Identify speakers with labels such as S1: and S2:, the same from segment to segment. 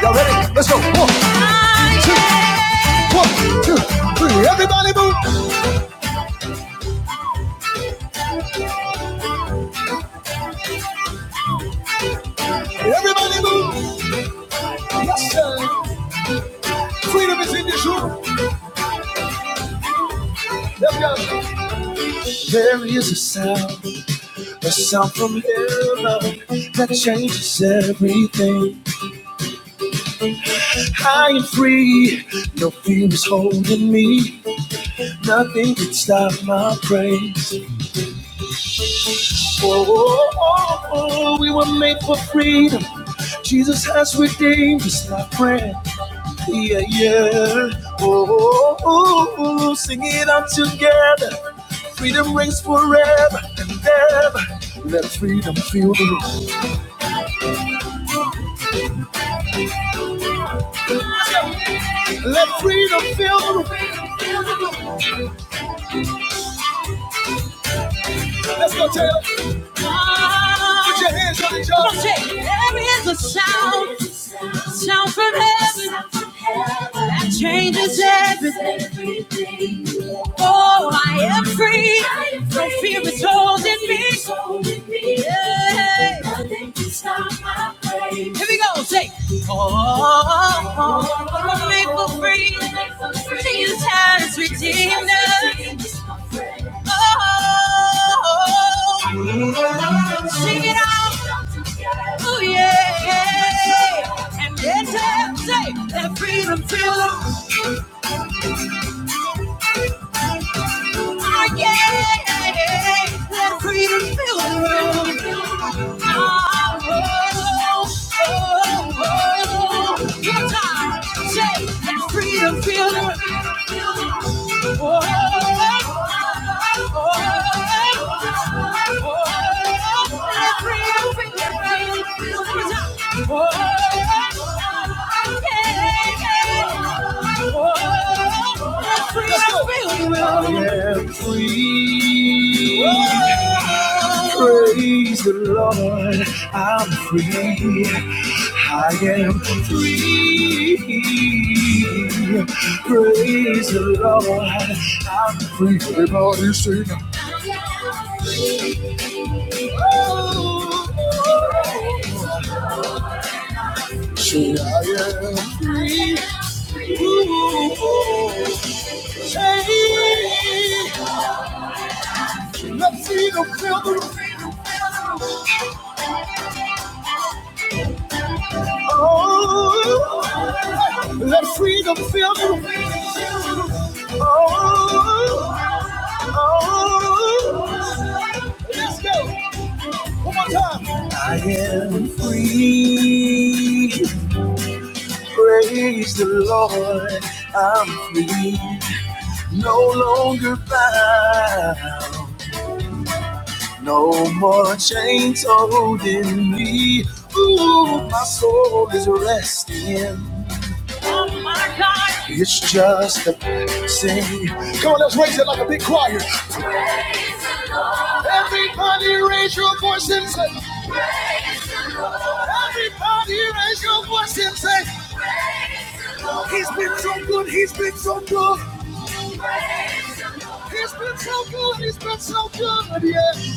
S1: Y'all ready? Let's go. One, two, one, two, three. Everybody move. Everybody move. Yes, sir. Freedom is in this room. Let's go. There is a sound, a sound from heaven that changes everything. I am free. No fear is holding me. Nothing can stop my praise. Oh, oh, oh, oh. we were made for freedom. Jesus has redeemed us, my friend. Yeah, yeah. Oh, oh, oh, oh, sing it out together. Freedom rings forever and ever. Let freedom fill the room. Let freedom fill the room. Let's go, Taylor. Put your hands on each other. There is a sound, a sound from heaven that changes everything. Oh, I am free. No fear is holding me. Yeah. Nothing can stop my praise. Here we go. Say, oh, I'm made for free. Jesus has redeemed us. Oh, sing it out. Oh, yeah. And then say, that freedom fill the Ah, yeah. Let freedom fill the room. Oh, oh, oh, oh. Guitar, shake, let freedom fill the room. I am free. Praise the Lord, I'm free. I am free. Praise the Lord, I'm free. Everybody sing. Say, I am free. Ooh, hey, nothing will fill the room. Oh, let freedom fill you. Oh, oh, let's go. One more time. I am free. Praise the Lord. I'm free. No longer bound. No more chains holding me. Ooh, my soul is resting It's just a blessing. Come on, let's raise it like a big choir. Praise the Lord. Everybody raise your voice and say, praise the Lord. Everybody raise your voice and say, praise the Lord. He's been so good, he's been so good. Praise the Lord. He's been so good, he's been so good, yeah.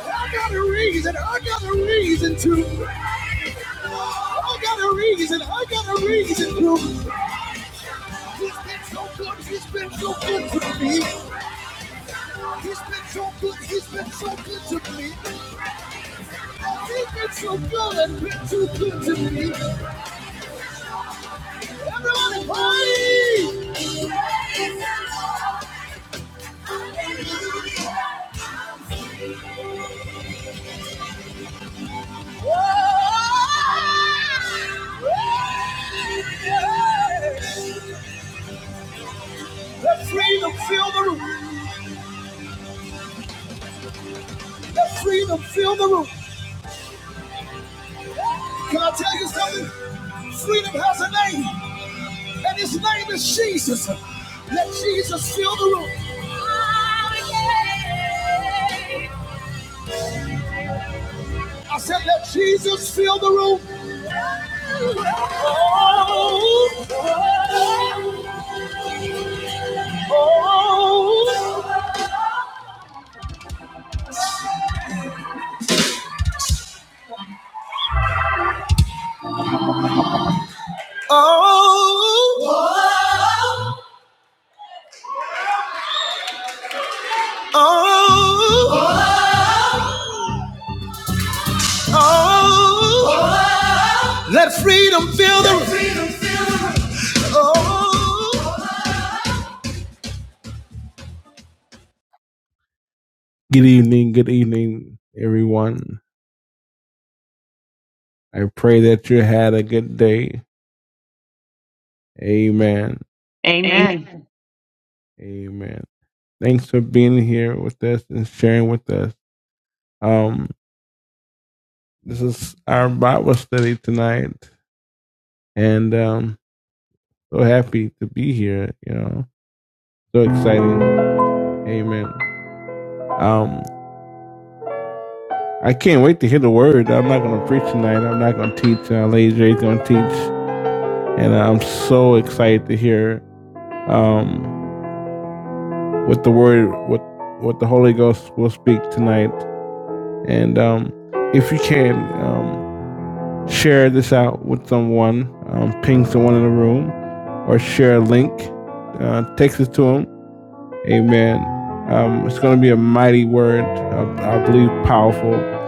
S1: I got a reason, I got a reason to. I got a reason, I got a reason to. He's been so good, he's been so good to me. He's been so good, he's been so good to me. He's been so good and been too good to me. Hey! Feel the room. Can I tell you something? Freedom has a name, and his name is Jesus. Let Jesus fill the room. I said, let Jesus fill the room. Oh, Oh, oh, oh, oh, oh. Good evening, good evening, everyone. I pray that you had a good day. Amen.
S2: Amen.
S1: Amen. Thanks for being here with us and sharing with us. Um, this is our Bible study tonight, and um, so happy to be here. You know, so exciting. Amen. Um, I can't wait to hear the word. I'm not going to preach tonight. I'm not going to teach. Uh, Lady J's going to teach, and I'm so excited to hear. Um, what the word what what the Holy Ghost will speak tonight. And um, if you can um, share this out with someone, um, ping someone in the room, or share a link, uh, text it to them. Amen. Um, it's going to be a mighty word. I, I believe powerful.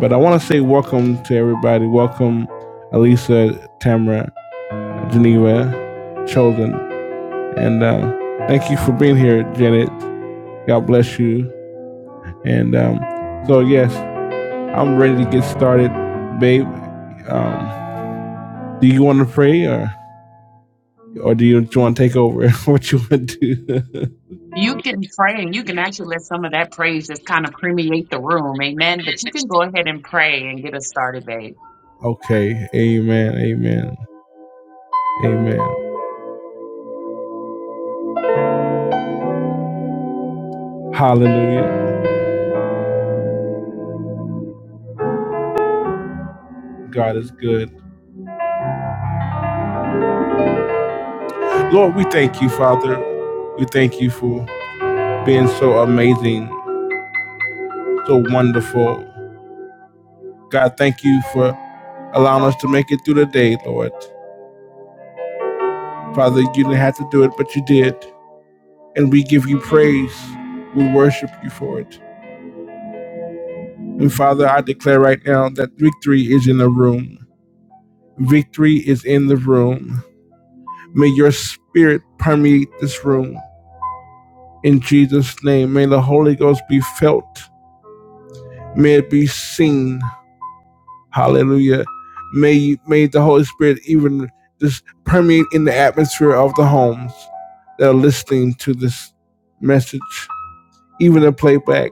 S1: But I want to say welcome to everybody. Welcome, Elisa, Tamara, Geneva, Chosen, and uh, thank you for being here, Janet. God bless you. And um, so, yes, I'm ready to get started, babe. Um, do you want to pray or, or do you, do you want to take over? what you want to do?
S2: You can pray and you can actually let some of that praise just kind of permeate the room. Amen. But you can go ahead and pray and get us started, babe.
S1: okay. Amen. Amen. Amen. Hallelujah. God is good. Lord, we thank you, Father. We thank you for being so amazing, so wonderful. God, thank you for allowing us to make it through the day, Lord. Father, you didn't have to do it, but you did. and we give you praise. We worship you for it. And Father, I declare right now that victory is in the room. Victory is in the room. May your spirit permeate this room. In Jesus' name, may the Holy Ghost be felt. May it be seen. Hallelujah. May, may the Holy Spirit even just permeate in the atmosphere of the homes that are listening to this message, even the playback.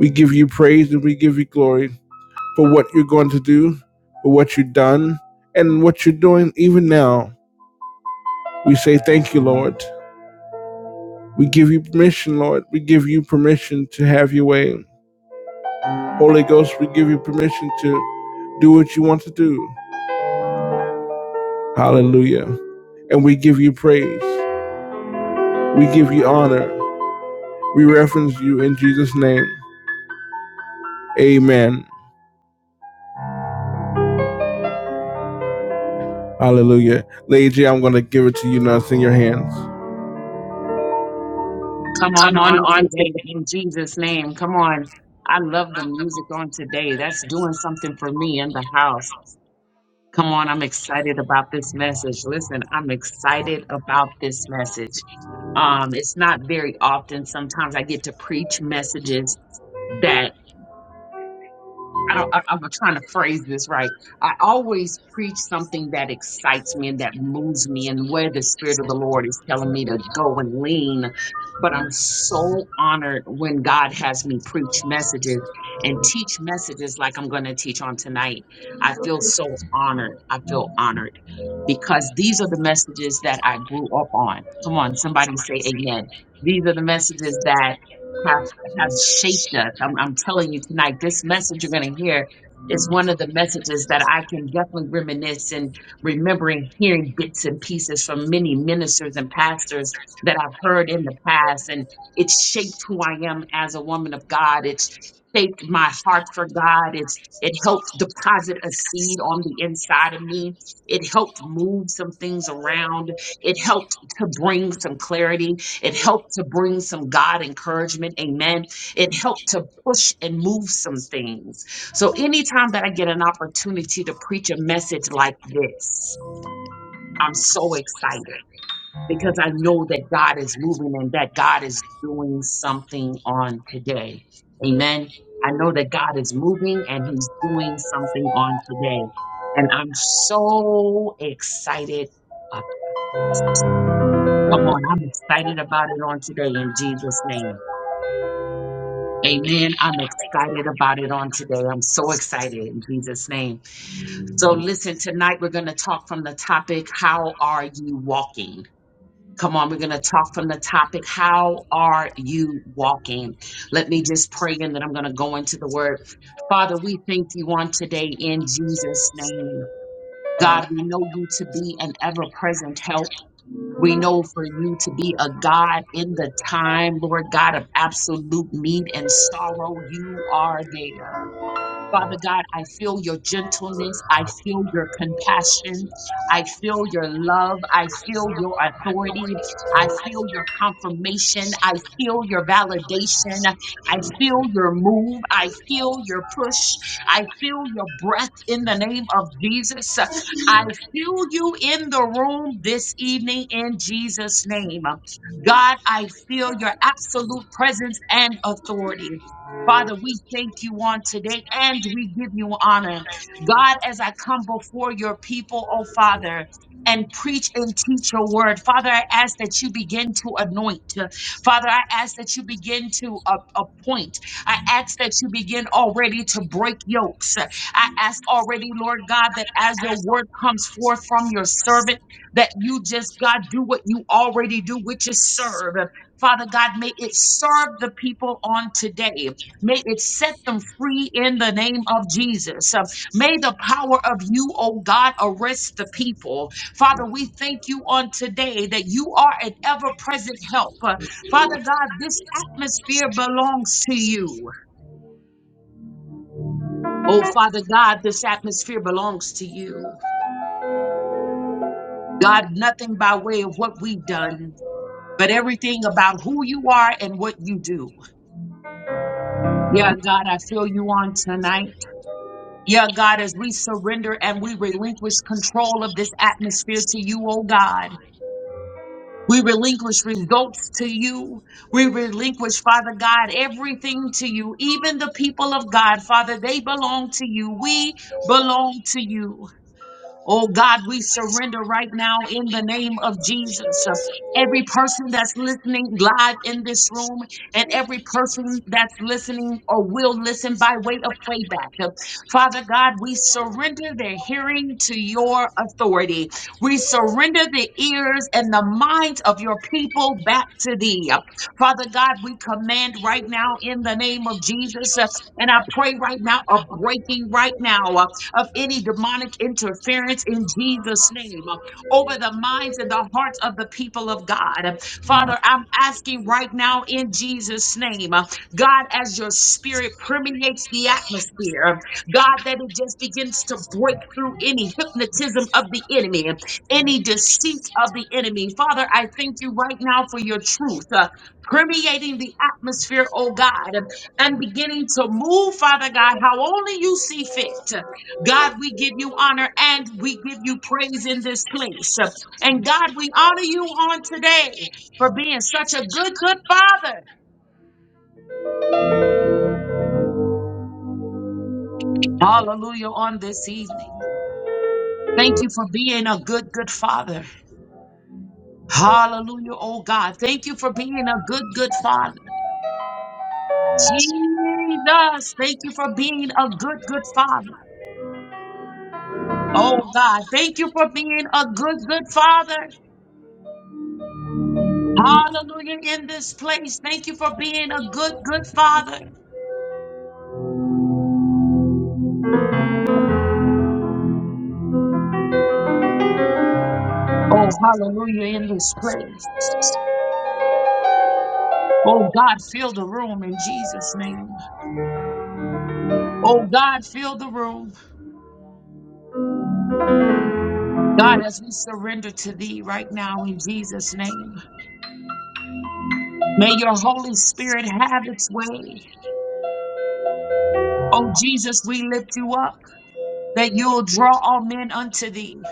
S1: We give you praise and we give you glory. for what you're going to do, for what you've done, and what you're doing even now. We say thank you, Lord. We give you permission, Lord. We give you permission to have your way. Holy Ghost, we give you permission to do what you want to do. Hallelujah. And we give you praise. We give you honor. We reference you in Jesus' name. Amen. Hallelujah. Lady J, I'm going to give it to you now. It's in your hands.
S2: Come on
S1: Come on,
S2: on
S1: on
S2: today
S1: today.
S2: in Jesus' name. Come on. I love the music on today. That's doing something for me in the house. Come on. I'm excited about this message. Listen, I'm excited about this message. Um, it's not very often. Sometimes I get to preach messages I don't, I, I'm trying to phrase this right. I always preach something that excites me and that moves me and where the Spirit of the Lord is telling me to go and lean. But I'm so honored when God has me preach messages and teach messages like I'm going to teach on tonight. I feel so honored. I feel honored because these are the messages that I grew up on. Come on, somebody say amen. These are the messages that. have have shaped us. I'm, I'm telling you tonight, this message you're going to hear is one of the messages that I can definitely reminisce and remembering hearing bits and pieces from many ministers and pastors that I've heard in the past. And it's shaped who I am as a woman of God. It's shaped my heart for God. It's it helped deposit a seed on the inside of me. It helped move some things around. It helped to bring some clarity it helped to bring some God encouragement. Amen. It helped to push and move some things. So, anytime that I get an opportunity to preach a message like this, I'm so excited because I know that God is moving and that God is doing something on today. Amen. I know that God is moving and He's doing something on today. And I'm so excited. Uh, Come on, I'm excited about it on today in Jesus' name. Amen. I'm excited about it on today. I'm so excited in Jesus' name. So, listen, tonight we're going to talk from the topic, How are you walking? Come on, we're going to talk from the topic, How are you walking? Let me just pray and then I'm going to go into the word. Father, we thank you on today in Jesus' name. God, we know you to be an ever present help. We know for you to be a God in the time, Lord God, of absolute need and sorrow. You are there. Father God, I feel your gentleness. I feel your compassion. I feel your love. I feel your authority. I feel your confirmation. I feel your validation. I feel your move. I feel your push. I feel your breath in the name of Jesus. I feel you in the room this evening in Jesus' name. God, I feel your absolute presence and authority. Father, we thank you on today and we give you honor. God, as I come before your people, oh Father, and preach and teach your word. Father, I ask that you begin to anoint. Father, I ask that you begin to uh, appoint. I ask that you begin already to break yokes. I ask already, Lord God, that as your word comes forth from your servant, that you just, God, do what you already do, which is serve. Father God, may it serve the people on today. May it set them free in the name of Jesus. Uh, May the power of you, oh God, arrest the people. Father, we thank you on today that you are an ever present help. Uh, Father God, this atmosphere belongs to you. Oh, Father God, this atmosphere belongs to you. God, nothing by way of what we've done, but everything about who you are and what you do. Yeah, God, I feel you on tonight. Yeah, God, as we surrender and we relinquish control of this atmosphere to you, oh God. We relinquish results to you. We relinquish, Father God, everything to you. Even the people of God, Father, they belong to you. We belong to you. Oh God, we surrender right now in the name of Jesus. Every person that's listening live in this room and every person that's listening or will listen by way of playback. Father God, we surrender their hearing to your authority. We surrender the ears and the minds of your people back to thee. Father God, we command right now in the name of Jesus. uh, And I pray right now a breaking right now of any demonic interference in Jesus' name uh, over the minds and the hearts of the people of God. Father, I'm asking right now in Jesus' name, uh, God, as your spirit permeates the atmosphere, God, that it just begins to break through any hypnotism of the enemy, any deceit of the enemy. Father, I thank you right now for your truth. uh, Permeating the atmosphere, oh God, and beginning to move, Father God, how only you see fit. God, we give you honor and we give you praise in this place. And God, we honor you on today for being such a good, good father. Hallelujah on this evening. Thank you for being a good, good father. Hallelujah, oh God. Thank you for being a good, good father. Jesus, thank you for being a good, good father. Oh God, thank you for being a good, good father. Hallelujah in this place. Thank you for being a good, good father. Oh, hallelujah, in this place. Oh, God, fill the room in Jesus' name. Oh, God, fill the room. God, as we surrender to thee right now in Jesus' name, may your Holy Spirit have its way. Oh, Jesus, we lift you up that you'll draw all men unto thee.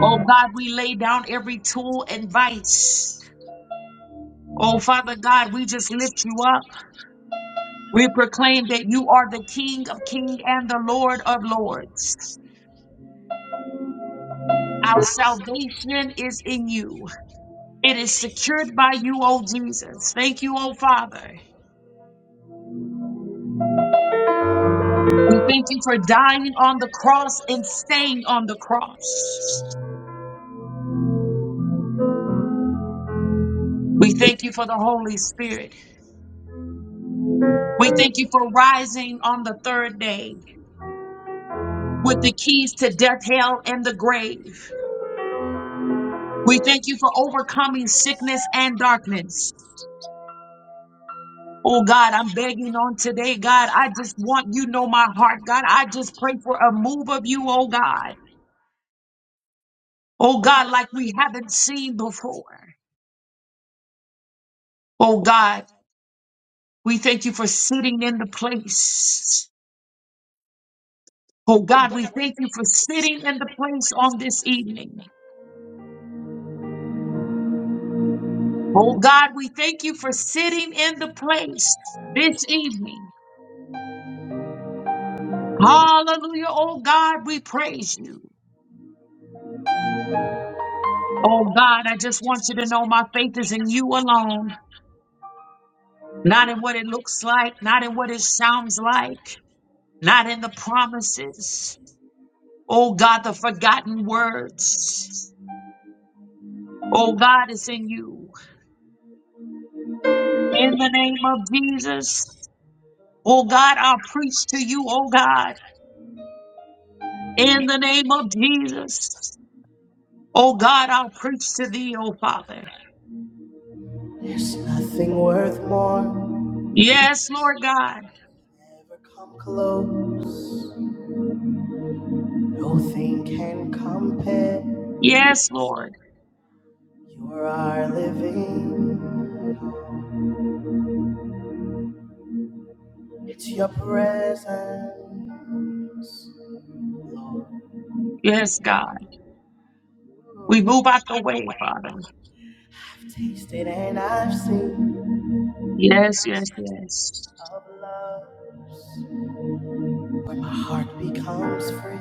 S2: Oh, God, we lay down every tool and vice. Oh, Father God, we just lift you up. We proclaim that you are the King of kings and the Lord of lords. Our salvation is in you. It is secured by you, O Jesus. Thank you, O Father. We thank you for dying on the cross and staying on the cross. We thank you for the Holy Spirit. We thank you for rising on the third day with the keys to death, hell, and the grave. We thank you for overcoming sickness and darkness. Oh God, I'm begging on today, God. I just want you to know my heart, God. I just pray for a move of you, oh God. Oh God, like we haven't seen before. Oh God, we thank you for sitting in the place. Oh God, we thank you for sitting in the place on this evening. Oh God, we thank you for sitting in the place this evening. Hallelujah. Oh God, we praise you. Oh God, I just want you to know my faith is in you alone, not in what it looks like, not in what it sounds like, not in the promises. Oh God, the forgotten words. Oh God is in you. In the name of Jesus. Oh God, I'll preach to you, oh God. In the name of Jesus. Oh God, I'll preach to thee, oh Father. Yes, Lord God. Yes, Lord.
S1: You are living. It's your presence, Lord.
S2: Yes, God. We move out the way, Father.
S1: I've tasted and I've seen
S2: Yes, yes, yes.
S1: of love's where my heart becomes free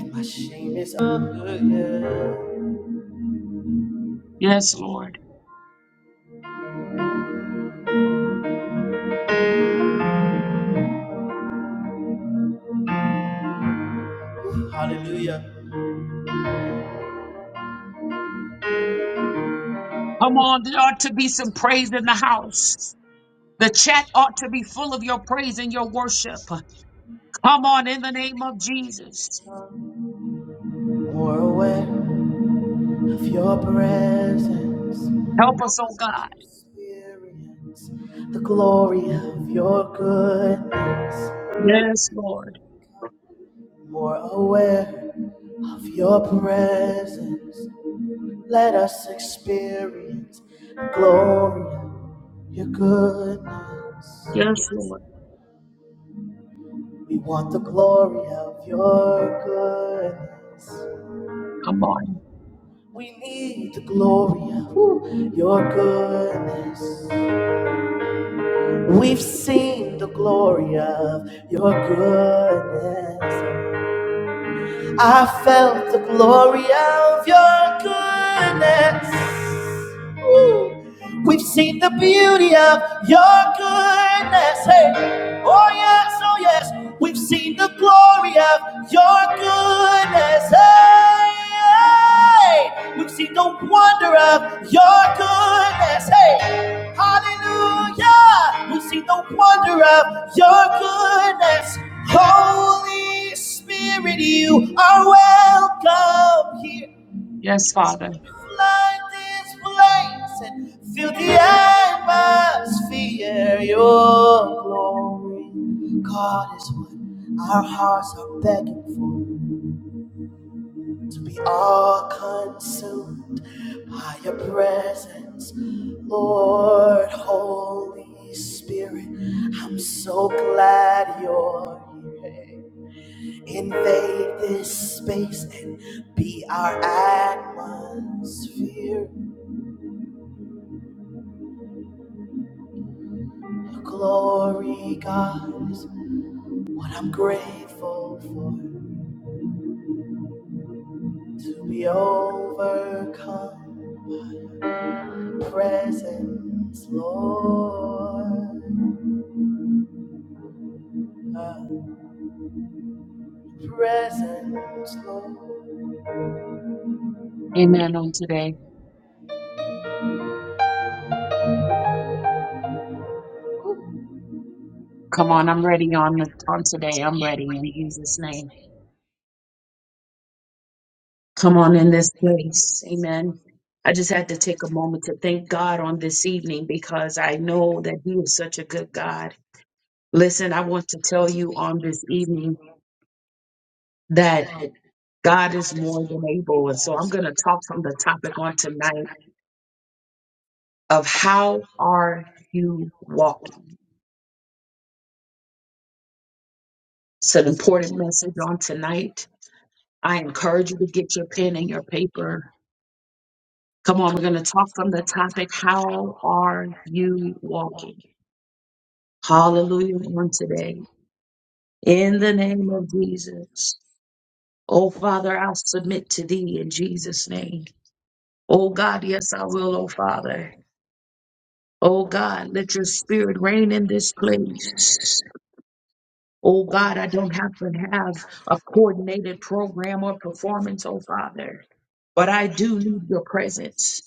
S1: and my shame is undone.
S2: Yes, Lord.
S1: Hallelujah.
S2: Come on, there ought to be some praise in the house. The chat ought to be full of your praise and your worship. Come on, in the name of Jesus.
S1: More aware of your presence,
S2: Help us, oh God.
S1: experience the glory of your goodness.
S2: Yes, Lord.
S1: More aware of your presence, Let us experience the glory of your goodness.
S2: Yes, Lord.
S1: We want the glory of your goodness.
S2: Come on.
S1: We need the glory of your goodness. We've seen the glory of your goodness. I felt the glory of your goodness. Ooh. We've seen the beauty of your goodness. Hey. Oh, yes, oh, yes. We've seen the glory of your goodness. Hey, hey. We've seen the wonder of your goodness. Hey. Hallelujah! We see the wonder of your goodness. Holy Spirit, you are welcome here.
S2: Yes, Father.
S1: Light this place and fill the atmosphere. Your glory, God, is what our hearts are begging for. to be all consumed by your presence, Lord Holy Spirit. I'm so glad you're here. Invade this space and be our atmosphere. Your glory, God, is what I'm grateful for. To be overcome, presence, Lord. presence, Lord.
S2: Amen on today. Come on, I'm ready on the on today. I'm ready in Jesus' name. Come on in this place. Amen. I just had to take a moment to thank God on this evening because I know that He is such a good God. Listen, I want to tell you on this evening that God is more than able. And so I'm going to talk from the topic on tonight of how are you walking? It's an important message on tonight. I encourage you to get your pen and your paper. Come on, we're going to talk from the topic How are you walking? Hallelujah on today. In the name of Jesus. Oh, Father, I submit to thee in Jesus' name. Oh, God, yes, I will, oh, Father. Oh, God, let your spirit reign in this place. Oh God, I don't have to have a coordinated program or performance, oh Father, but I do need your presence.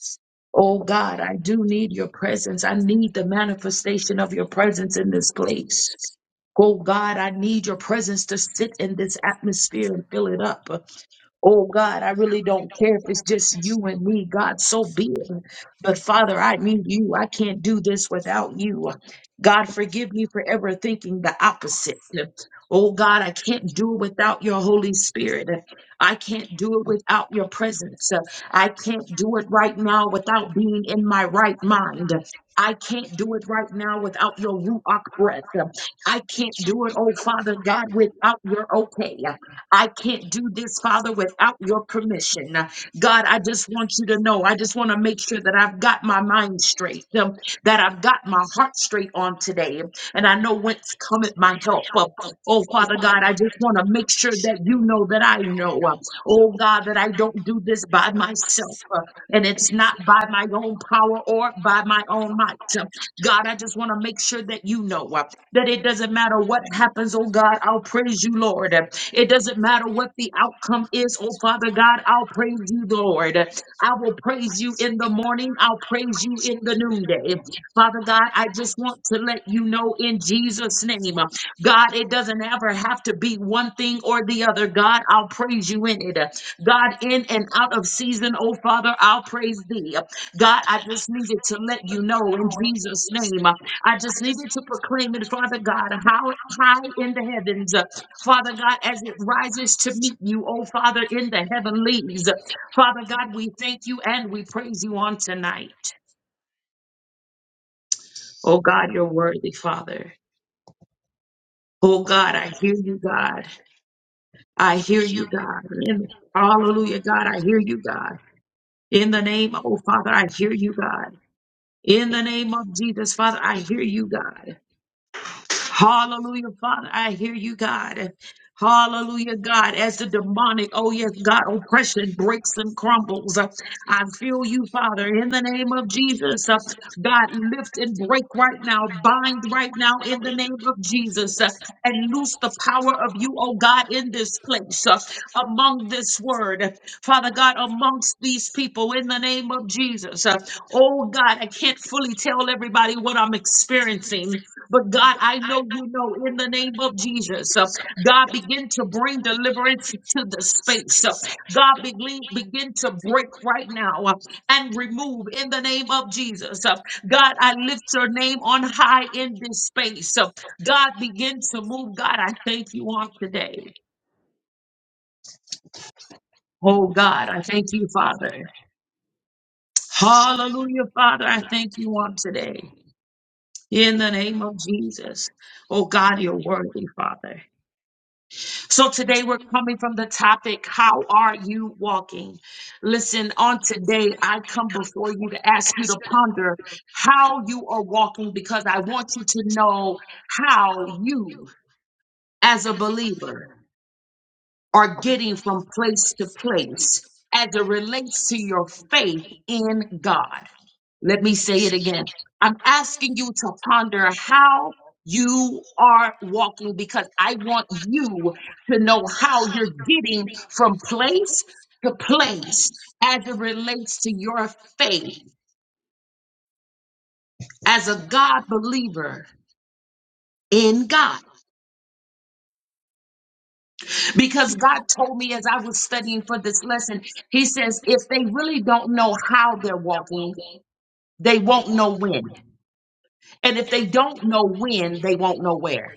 S2: Oh God, I do need your presence. I need the manifestation of your presence in this place. Oh God, I need your presence to sit in this atmosphere and fill it up. Oh God, I really don't care if it's just you and me. God, so be it. But Father, I need you. I can't do this without you. God, forgive me for ever thinking the opposite. Oh God, I can't do it without your Holy Spirit. I can't do it without your presence. I can't do it right now without being in my right mind. I can't do it right now without your Ruach breath. I can't do it, oh Father God, without your okay. I can't do this, Father, without your permission. God, I just want you to know. I just want to make sure that I've got my mind straight, um, that I've got my heart straight on today. And I know whence cometh my help. Uh, Oh, Father God, I just want to make sure that you know that I know. uh, Oh, God, that I don't do this by myself. uh, And it's not by my own power or by my own might. God, I just want to make sure that you know uh, that it doesn't matter what happens, oh God, I'll praise you, Lord. It doesn't matter what the outcome is, oh Father God, I'll praise you, Lord. I will praise you in the morning, I'll praise you in the noonday. Father God, I just want to let you know in Jesus' name, uh, God, it doesn't ever have to be one thing or the other. God, I'll praise you in it. God, in and out of season, oh Father, I'll praise thee. God, I just needed to let you know in Jesus' name. uh, I just needed to proclaim it, Father God, how high in the heavens, uh, Father God, as it rises to meet you, oh Father, in the heavenlies. Father God, we thank you and we praise you on tonight. Oh God, you're worthy, Father. Oh God, I hear you, God. I hear you, God. In, hallelujah, God, I hear you, God. In the name, oh Father, I hear you, God. In the name of Jesus, Father, I hear you, God. Hallelujah, Father. I hear you, God. Hallelujah, God. As the demonic, oh yes, God, oppression breaks and crumbles. Uh, I feel you, Father, in the name of Jesus. Uh, God, lift and break right now, bind right now in the name of Jesus, uh, and loose the power of you, oh God, in this place, uh, among this word, Father God, amongst these people in the name of Jesus. Uh, Oh God, I can't fully tell everybody what I'm experiencing. But God, I know you know in the name of Jesus, uh, God, begin to bring deliverance to the space. Uh, God, begin, begin to break right now uh, and remove in the name of Jesus. Uh, God, I lift your name on high in this space. Uh, God, begin to move. God, I thank you on today. Oh God, I thank you, Father. Hallelujah, Father. I thank you on today. In the name of Jesus. Oh God, you're worthy, Father. So today we're coming from the topic, How are you walking? Listen, on today, I come before you to ask you to ponder how you are walking because I want you to know how you, as a believer, are getting from place to place as it relates to your faith in God. Let me say it again. I'm asking you to ponder how you are walking because I want you to know how you're getting from place to place as it relates to your faith as a God believer in God. Because God told me as I was studying for this lesson, He says, if they really don't know how they're walking, They won't know when. And if they don't know when, they won't know where.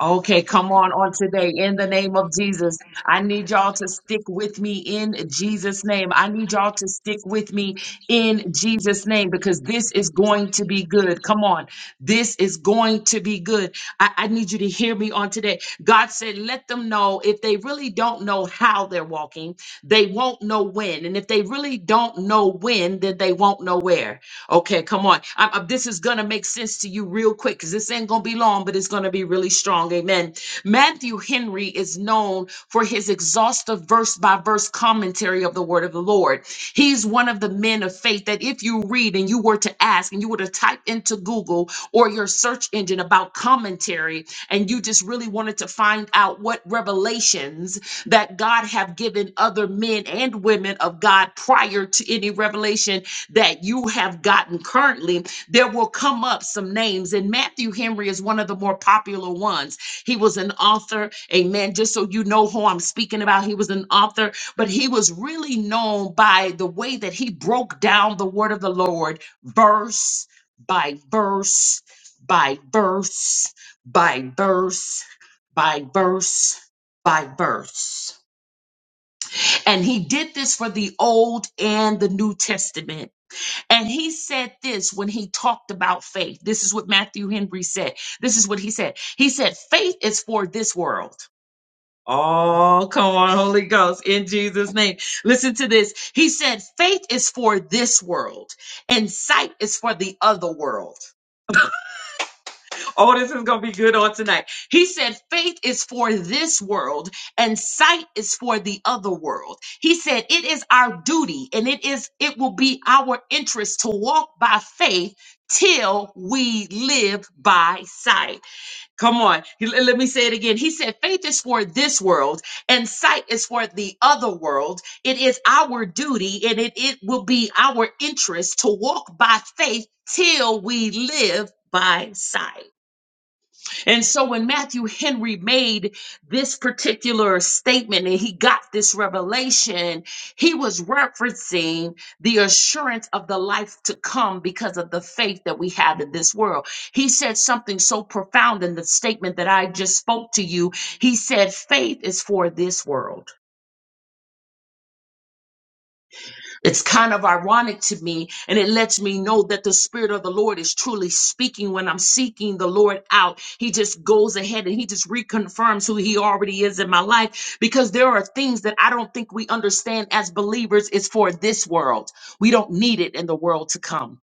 S2: Okay, come on on today in the name of Jesus. I need y'all to stick with me in Jesus' name. I need y'all to stick with me in Jesus' name because this is going to be good. Come on. This is going to be good. I, I need you to hear me on today. God said, let them know if they really don't know how they're walking, they won't know when. And if they really don't know when, then they won't know where. Okay, come on. I, I- this is going to make sense to you real quick because this ain't going to be long, but it's going to be really strong. Amen. Matthew Henry is known for his exhaustive verse by verse commentary of the word of the Lord. He's one of the men of faith that if you read and you were to asked and you would have typed into Google or your search engine about commentary and you just really wanted to find out what revelations that God have given other men and women of God prior to any revelation that you have gotten currently, there will come up some names. And Matthew Henry is one of the more popular ones. He was an author, amen. Just so you know who I'm speaking about, he was an author, but he was really known by the way that he broke down the word of the Lord verse by verse by verse by verse by verse by verse. And he did this for the Old and the New Testament. And he said this when he talked about faith. This is what Matthew Henry said. This is what he said. He said, faith is for this world. Oh, come on, Holy Ghost, in Jesus' name. Listen to this. He said, faith is for this world and sight is for the other world. Oh, this is going to be good on tonight. He said, faith is for this world and sight is for the other world. He said, it is our duty and it is, it will be our interest to walk by faith till we live by sight. Come on. He- Let let me say it again. He said, faith is for this world and sight is for the other world. It is our duty and it, it will be our interest to walk by faith till we live by sight. And so when Matthew Henry made this particular statement and he got this revelation, he was referencing the assurance of the life to come because of the faith that we have in this world. He said something so profound in the statement that I just spoke to you. He said, faith is for this world. It's kind of ironic to me, and it lets me know that the Spirit of the Lord is truly speaking when I'm seeking the Lord out. He just goes ahead and he just reconfirms who he already is in my life because there are things that I don't think we understand as believers is for this world. We don't need it in the world to come.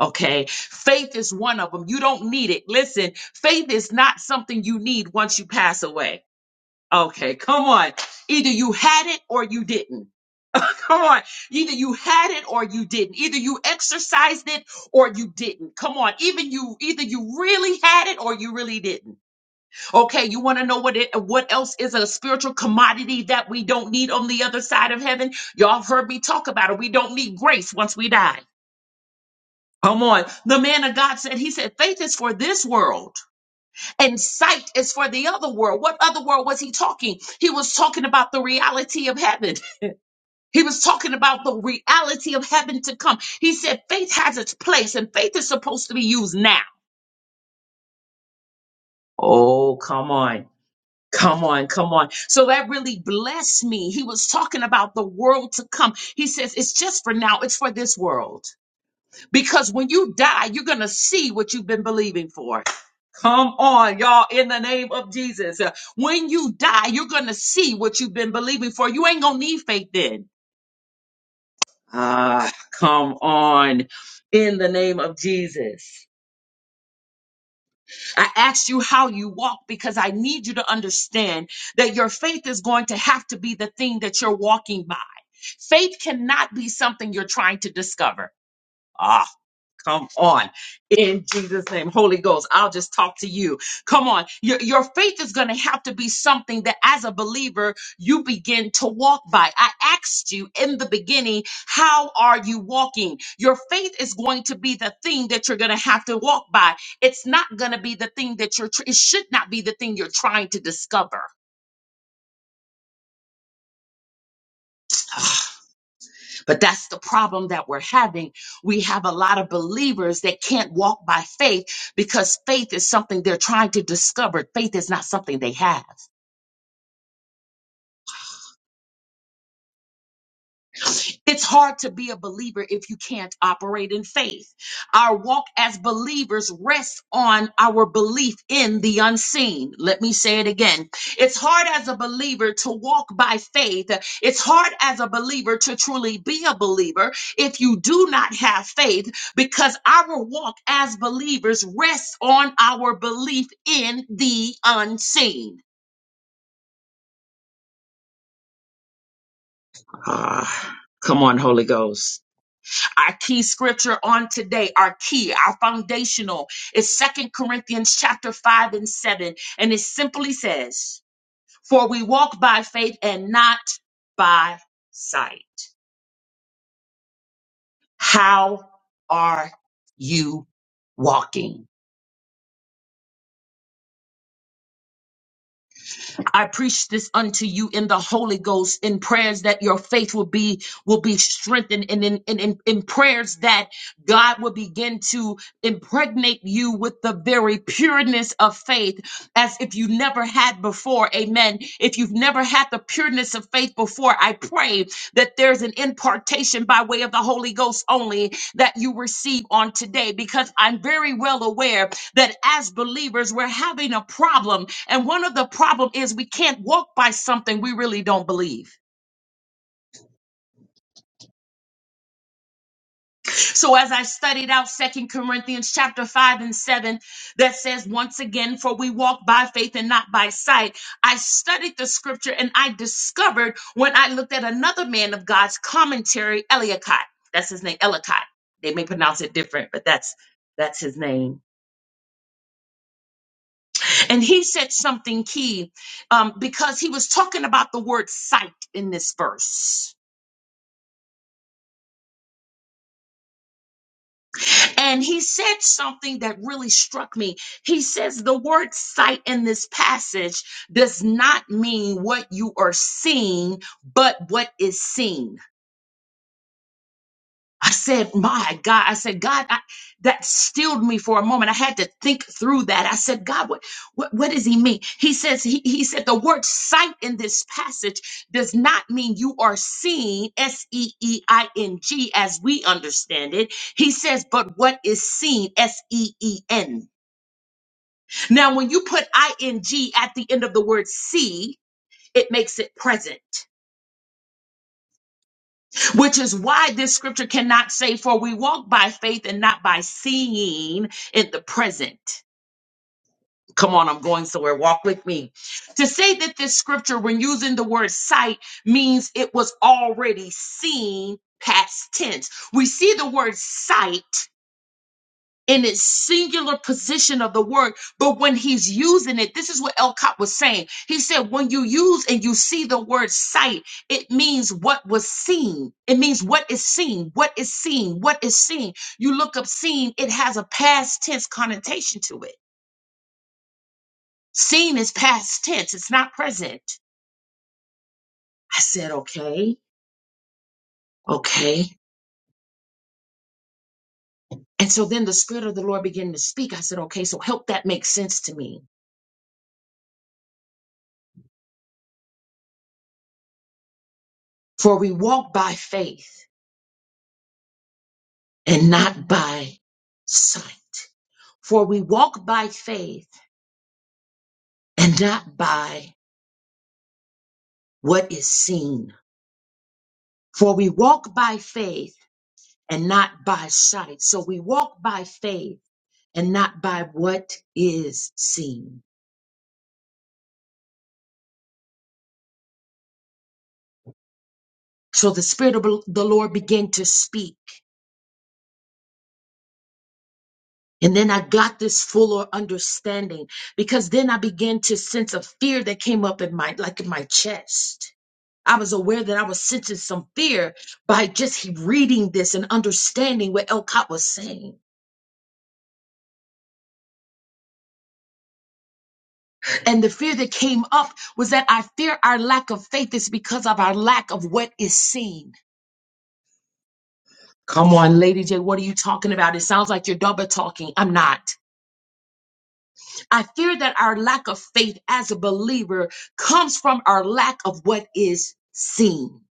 S2: Okay. Faith is one of them. You don't need it. Listen, faith is not something you need once you pass away. Okay. Come on. Either you had it or you didn't. Come on. Either you had it or you didn't. Either you exercised it or you didn't. Come on. Even you either you really had it or you really didn't. Okay, you want to know what it what else is a spiritual commodity that we don't need on the other side of heaven? Y'all have heard me talk about it. We don't need grace once we die. Come on. The man of God said, he said, faith is for this world and sight is for the other world. What other world was he talking? He was talking about the reality of heaven. He was talking about the reality of heaven to come. He said faith has its place and faith is supposed to be used now. Oh, come on. Come on, come on. So that really blessed me. He was talking about the world to come. He says, it's just for now, it's for this world. Because when you die, you're going to see what you've been believing for. Come on, y'all, in the name of Jesus. Uh, When you die, you're going to see what you've been believing for. You ain't going to need faith then. Ah, come on. In the name of Jesus. I asked you how you walk because I need you to understand that your faith is going to have to be the thing that you're walking by. Faith cannot be something you're trying to discover. Ah, Come on. In Jesus' name. Holy Ghost, I'll just talk to you. Come on. Your, your faith is going to have to be something that as a believer, you begin to walk by. I asked you in the beginning, how are you walking? Your faith is going to be the thing that you're going to have to walk by. It's not going to be the thing that you're, tr- it should not be the thing you're trying to discover. But that's the problem that we're having. We have a lot of believers that can't walk by faith because faith is something they're trying to discover. Faith is not something they have. It's hard to be a believer if you can't operate in faith. Our walk as believers rests on our belief in the unseen. Let me say it again. It's hard as a believer to walk by faith. It's hard as a believer to truly be a believer if you do not have faith because our walk as believers rests on our belief in the unseen. Ah, come on, Holy Ghost. Our key scripture on today, our key, our foundational is Second Corinthians chapter 5 and 7. And it simply says, For we walk by faith and not by sight. How are you walking? I preach this unto you in the Holy Ghost in prayers that your faith will be will be strengthened and in, in, in, in prayers that God will begin to impregnate you with the very pureness of faith as if you never had before. Amen. If you've never had the pureness of faith before, I pray that there's an impartation by way of the Holy Ghost only that you receive on today because I'm very well aware that as believers we're having a problem and one of the problem is we can't walk by something we really don't believe so as i studied out second corinthians chapter 5 and 7 that says once again for we walk by faith and not by sight i studied the scripture and i discovered when i looked at another man of god's commentary eliacott that's his name eliacott they may pronounce it different but that's that's his name And he said something key um, because he was talking about the word sight in this verse. And he said something that really struck me. He says the word sight in this passage does not mean what you are seeing, but what is seen. I said, my God, I said, God, I, that stilled me for a moment. I had to think through that. I said, God, what, what, what does he mean? He says, he, he said, the word sight in this passage does not mean you are seeing, S E E I N G, as we understand it. He says, but what is seen, S E E N. Now, when you put I N G at the end of the word see, it makes it present. which is why this scripture cannot say, For we walk by faith and not by seeing in the present. Come on, I'm going somewhere. Walk with me. To say that this scripture, when using the word sight, means it was already seen past tense. We see the word sight in its singular position of the word. But when he's using it, this is what Elcott was saying. He said, when you use and you see the word sight, it means what was seen. It means what is seen, what is seen, what is seen. You look up seen, it has a past tense connotation to it. Seen is past tense, it's not present. I said, okay, okay. And so then the Spirit of the Lord began to speak. I said, okay, so help that make sense to me. For we walk by faith and not by sight. For we walk by faith and not by what is seen. For we walk by faith and not by sight. So we walk by faith and not by what is seen. So the Spirit of the Lord began to speak. And then I got this fuller understanding because then I began to sense a fear that came up in my, like in my chest. I was aware that I was sensing some fear by just reading this and understanding what Elcott was saying. And the fear that came up was that I fear our lack of faith is because of our lack of what is seen. Come on, Lady J, what are you talking about? It sounds like you're double talking. I'm not. I fear that our lack of faith as a believer comes from our lack of what is seen.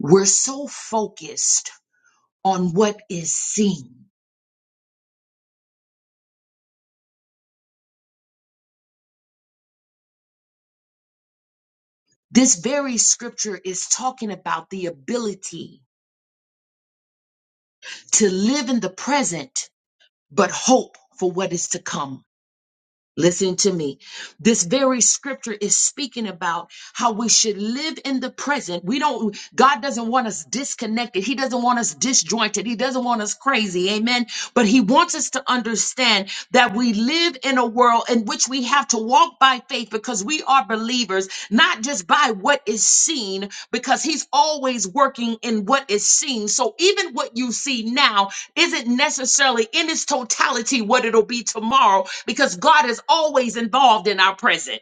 S2: We're so focused on what is seen This very scripture is talking about the ability to live in the present, but hope for what is to come. Listen to me. This very scripture is speaking about how we should live in the present. We don't, God doesn't want us disconnected. He doesn't want us disjointed. He doesn't want us crazy. Amen. But He wants us to understand that we live in a world in which we have to walk by faith because we are believers, not just by what is seen, because He's always working in what is seen. So even what you see now isn't necessarily in its totality what it'll be tomorrow because God is always involved in our present.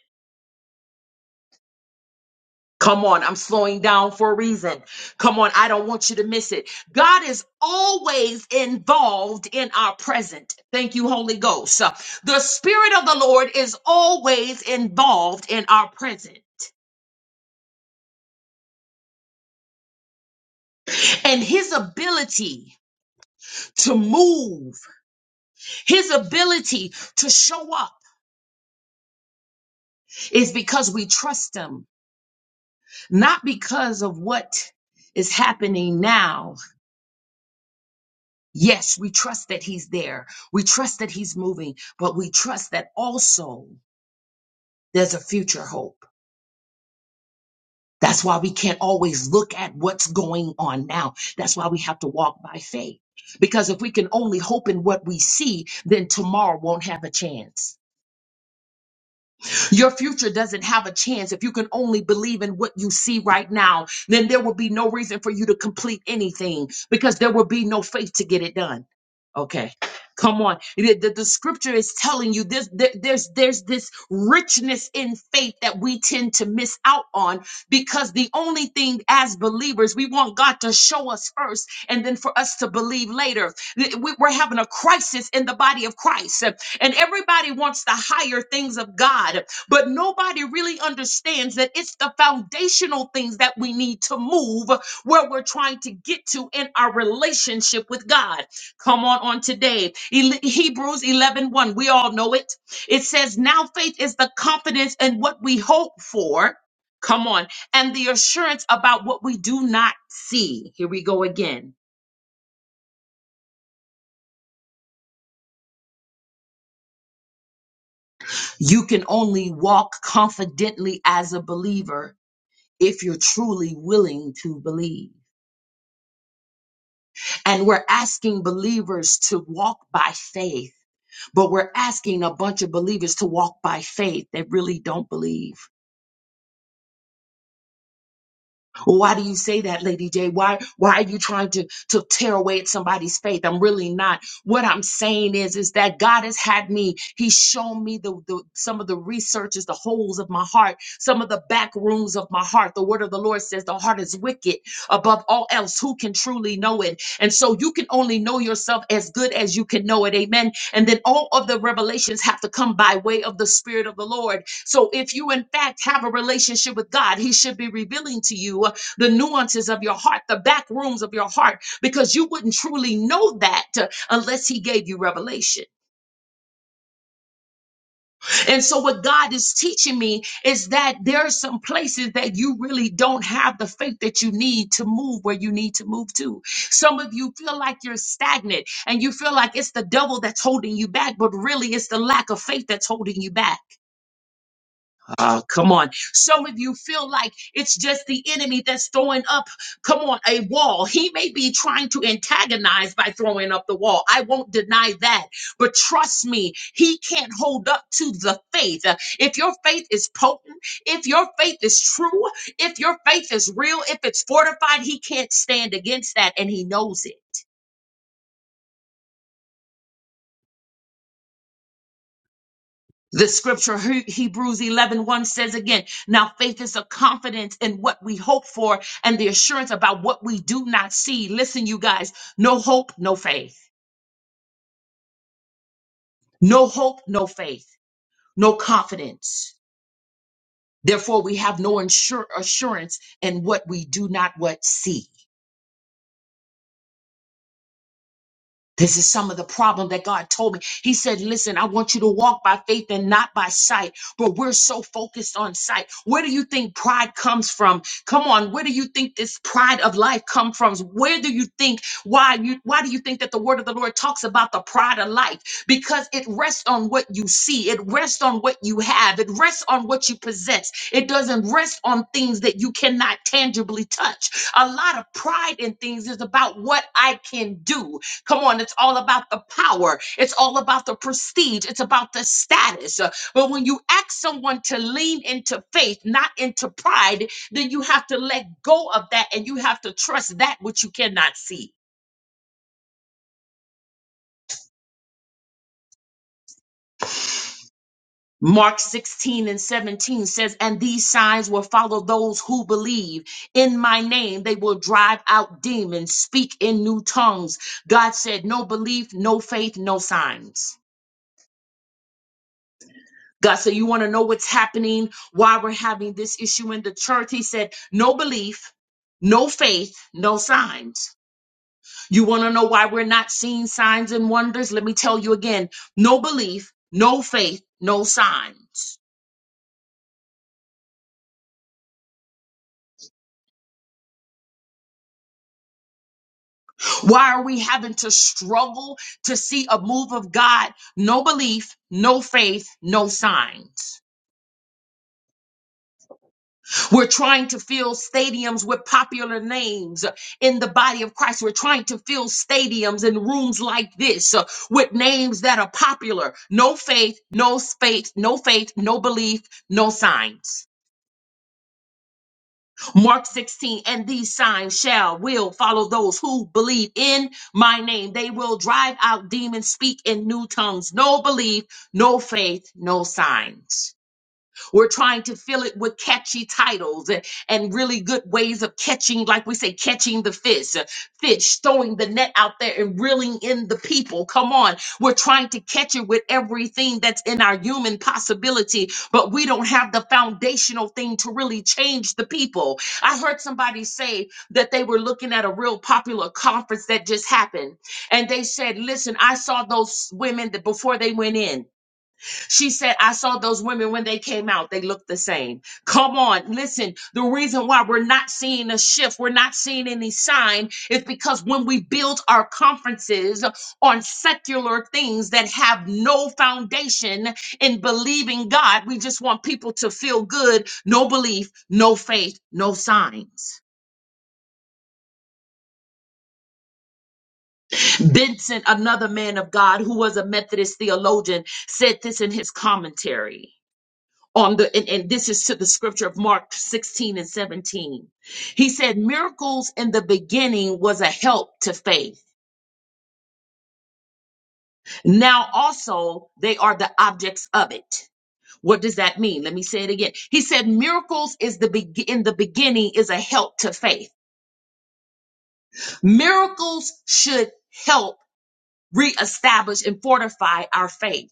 S2: Come on, I'm slowing down for a reason. Come on, I don't want you to miss it. God is always involved in our present. Thank you, Holy Ghost. Uh, The Spirit of the Lord is always involved in our present. And His ability to move, His ability to show up is because we trust Him not because of what is happening now. Yes, we trust that He's there. We trust that He's moving, but we trust that also there's a future hope. That's why we can't always look at what's going on now. That's why we have to walk by faith. Because if we can only hope in what we see, then tomorrow won't have a chance. Your future doesn't have a chance if you can only believe in what you see right now. Then there will be no reason for you to complete anything because there will be no faith to get it done. Okay. Come on. The, the- the scripture is telling you this there- there's there's this richness in faith that we tend to miss out on because the only thing as believers we want God to show us first and then for us to believe later. Th- we- We're having a crisis in the body of Christ and everybody wants the higher things of God but nobody really understands that it's the foundational things that we need to move where we're trying to get to in our relationship with God. Come on on today. Ele- Hebrews 11 we all know it. It says, Now faith is the confidence in what we hope for. Come on. And the assurance about what we do not see. Here we go again. You can only walk confidently as a believer if you're truly willing to believe. And we're asking believers to walk by faith, but we're asking a bunch of believers to walk by faith that really don't believe. Well, why do you say that, Lady J? Why why are you trying to to tear away at somebody's faith? I'm really not. What I'm saying is is that God has had me. He's shown me the, the some of the researches, the holes of my heart, some of the back rooms of my heart. The word of the Lord says the heart is wicked above all else. Who can truly know it? And so you can only know yourself as good as you can know it. Amen. And then all of the revelations have to come by way of the Spirit of the Lord. So if you in fact have a relationship with God, He should be revealing to you the nuances of your heart, the back rooms of your heart, because you wouldn't truly know that uh, unless He gave you revelation. And so, what God is teaching me is that there are some places that you really don't have the faith that you need to move where you need to move to. Some of you feel like you're stagnant and you feel like it's the devil that's holding you back, but really it's the lack of faith that's holding you back. Oh come on. Some of you feel like it's just the enemy that's throwing up, come on, a wall. He may be trying to antagonize by throwing up the wall. I won't deny that. But trust me, he can't hold up to the faith. Uh, If your faith is potent, if your faith is true, if your faith is real, if it's fortified, he can't stand against that and he knows it. The scripture He- Hebrews 11 says again, now faith is a confidence in what we hope for and the assurance about what we do not see. Listen, you guys, no hope, no faith. No hope, no faith, no confidence. Therefore, we have no insure- assurance in what we do not what see. This is some of the problem that God told me. He said, Listen, I want you to walk by faith and not by sight. But we're so focused on sight. Where do you think pride comes from? Come on, where do you think this pride of life come from? Where do you think why you why do you think that the word of the Lord talks about the pride of life? because it rests on what you see, it rests on what you have, it rests on what you possess. It doesn't rest on things that you cannot tangibly touch. A lot of pride in things is about what I can do. Come on, it's all about the power, it's all about the prestige, it's about the status. Uh, But when you ask someone to lean into faith, not into pride, then you have to let go of that and you have to trust that which you cannot see. Mark 16 and 17 says, And these signs will follow those who believe. In my name, they will drive out demons, speak in new tongues. God said, No belief, no faith, no signs. God said, You want to know what's happening, why we're having this issue in the church? He said, No belief, no faith, no signs. You want to know why we're not seeing signs and wonders? Let me tell you again no belief, no faith, no signs. Why are we having to struggle to see a move of God? No belief, no faith, no signs. We're trying to fill stadiums with popular names in the body of Christ. We're trying to fill stadiums and rooms like this uh, with names that are popular. No faith, no faith, no faith, no belief, no signs. Mark 16, and these signs shall, will follow those who believe in my name. They will drive out demons, speak in new tongues. No belief, no faith, no signs. We're trying to fill it with catchy titles and, and really good ways of catching, like we say, catching the fish, uh, fish, throwing the net out there and reeling in the people. Come on. We're trying to catch it with everything that's in our human possibility, but we don't have the foundational thing to really change the people. I heard somebody say that they were looking at a real popular conference that just happened, and they said, Listen, I saw those women that before they went in. She said, I saw those women when they came out, they looked the same. Come on, listen. The reason why we're not seeing a shift, we're not seeing any sign, is because when we build our conferences on secular things that have no foundation in believing God, we just want people to feel good, no belief, no faith, no signs. Benson, another man of God who was a Methodist theologian, said this in his commentary. on the and, and this is to the scripture of mark 16 and 17 he said miracles in the beginning was a help to faith now also they are the objects of it what does that mean let me say it again he said miracles is the be- in the beginning is a help to faith miracles should help reestablish and fortify our faith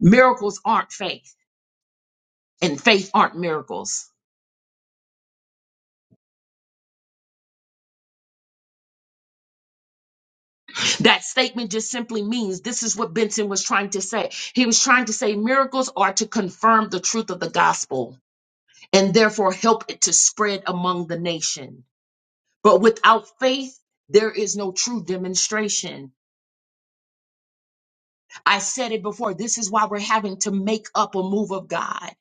S2: miracles aren't faith and faith aren't miracles That statement just simply means this is what Benson was trying to say. He was trying to say miracles are to confirm the truth of the gospel and therefore help it to spread among the nation. But without faith, there is no true demonstration. I said it before. This is why we're having to make up a move of God.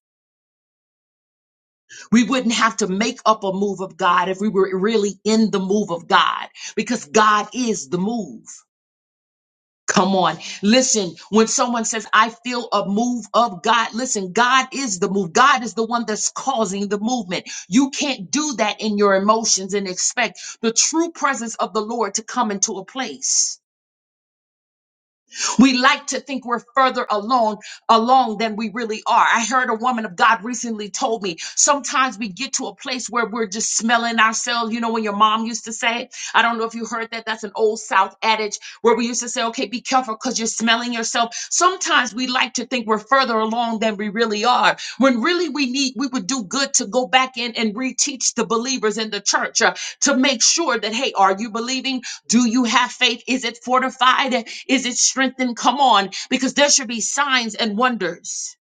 S2: We wouldn't have to make up a move of God if we were really in the move of God because God is the move. Come on. Listen, when someone says, I feel a move of God, listen, God is the move. God is the one that's causing the movement. You can't do that in your emotions and expect the true presence of the Lord to come into a place. We like to think we're further alone alone than we really are. I heard a woman of God recently told me sometimes we get to a place where we're just smelling ourselves. You know, when your mom used to say, I don't know if you heard that, that's an old South adage where we used to say, okay, be careful because you're smelling yourself. Sometimes we like to think we're further along than we really are. When really we need, we would do good to go back in and reteach the believers in the church uh, to make sure that, hey, are you believing? Do you have faith? Is it fortified? Is it strengthened? Come on, because there should be signs and wonders.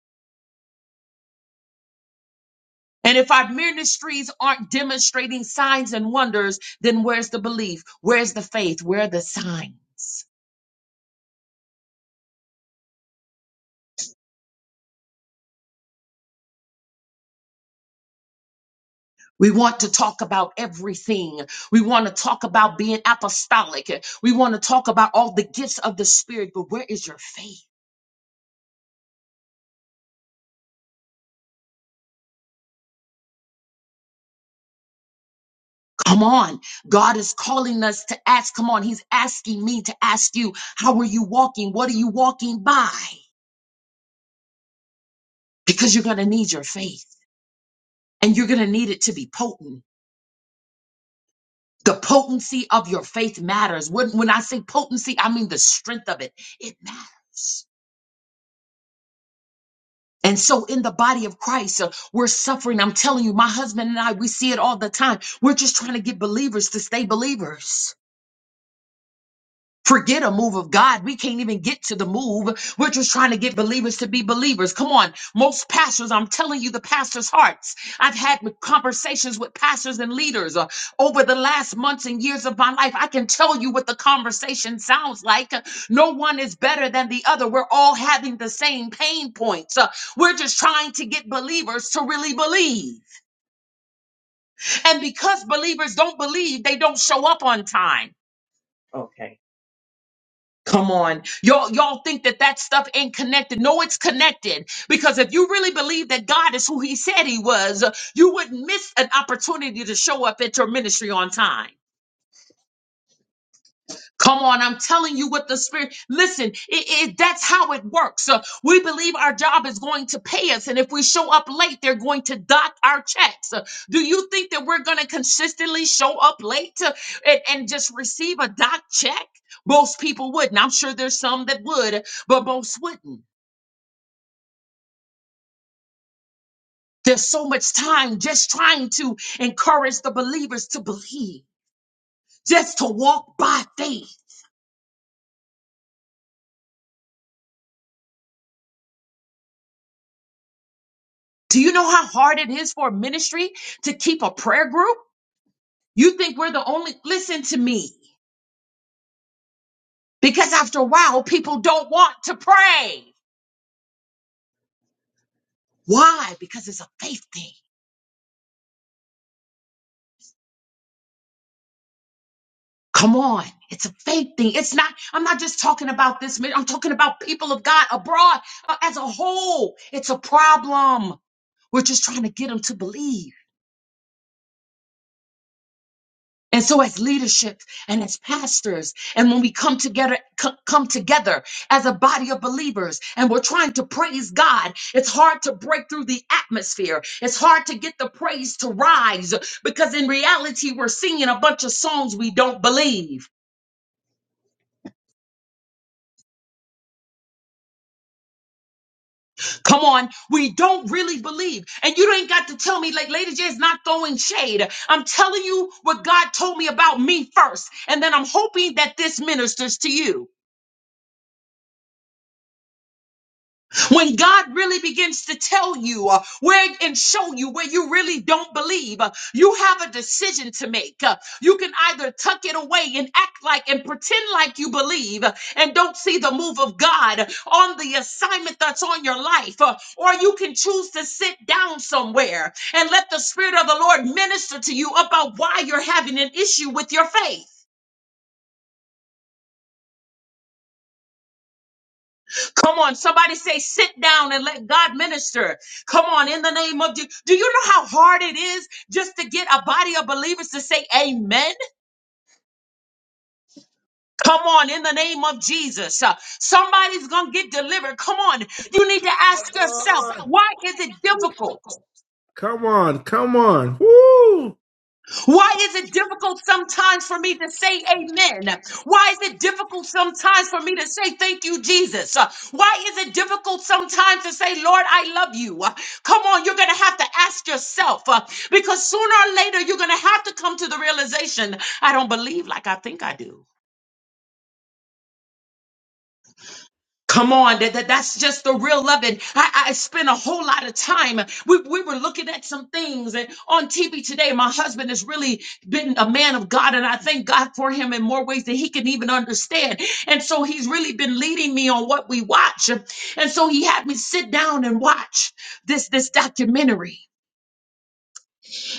S2: And if our ministries aren't demonstrating signs and wonders, then where's the belief? Where's the faith? Where are the signs? We want to talk about everything. We want to talk about being apostolic. We want to talk about all the gifts of the Spirit, but where is your faith? Come on. God is calling us to ask. Come on. He's asking me to ask you, how are you walking? What are you walking by? Because you're going to need your faith and you're going to need it to be potent. The potency of your faith matters. When, when I say potency, I mean the strength of it. It matters. And so in the body of Christ, uh, we're suffering. I'm telling you, my husband and I, we see it all the time. We're just trying to get believers to stay believers. Forget a move of God. We can't even get to the move. We're just trying to get believers to be believers. Come on. Most pastors, I'm telling you, the pastor's hearts. I've had conversations with pastors and leaders uh, over the last months and years of my life. I can tell you what the conversation sounds like. No one is better than the other. We're all having the same pain points. Uh, we're just trying to get believers to really believe. And because believers don't believe, they don't show up on time. Come on. Y'all, y'all think that that stuff ain't connected. No, it's connected. Because if you really believe that God is who he said he was, you wouldn't miss an opportunity to show up at your ministry on time. Come on, I'm telling you what the spirit. Listen, it, it, that's how it works. Uh, we believe our job is going to pay us, and if we show up late, they're going to dock our checks. Uh, do you think that we're going to consistently show up late uh, and, and just receive a dock check? Most people wouldn't. I'm sure there's some that would, but most wouldn't. There's so much time just trying to encourage the believers to believe, just to walk by faith. Do you know how hard it is for a ministry to keep a prayer group? You think we're the only, listen to me, because after a while, people don't want to pray. Why? Because it's a faith thing. Come on. It's a faith thing. It's not, I'm not just talking about this minute. I'm talking about people of God abroad uh, as a whole. It's a problem. We're just trying to get them to believe. And so as leadership and as pastors, and when we come together, co- come together as a body of believers and we're trying to praise God, it's hard to break through the atmosphere. It's hard to get the praise to rise because in reality, we're singing a bunch of songs we don't believe. Come on. We don't really believe. And you ain't got to tell me like Lady J is not throwing shade. I'm telling you what God told me about me first. And then I'm hoping that this ministers to you. When God really begins to tell you uh, where and show you where you really don't believe, uh, you have a decision to make. Uh, you can either tuck it away and act like and pretend like you believe uh, and don't see the move of God on the assignment that's on your life, uh, or you can choose to sit down somewhere and let the Spirit of the Lord minister to you about why you're having an issue with your faith. Come on, somebody say, sit down and let God minister. Come on, in the name of Jesus. Do you know how hard it is just to get a body of believers to say amen? Come on, in the name of Jesus. Uh, somebody's going to get delivered. Come on, you need to ask yourself, why is it difficult?
S1: Come on, come on. Woo!
S2: Why is it difficult sometimes for me to say amen? Why is it difficult sometimes for me to say thank you, Jesus? Uh, Why is it difficult sometimes to say, Lord, I love you? Uh, Come on, you're going to have to ask yourself uh, because sooner or later you're going to have to come to the realization I don't believe like I think I do. Come on, that, that- that's just the real of it. I, I spent a whole lot of time. We, we were looking at some things and on TV today. My husband has really been a man of God, and I thank God for him in more ways than he can even understand. And so he's really been leading me on what we watch. And so he had me sit down and watch this this documentary.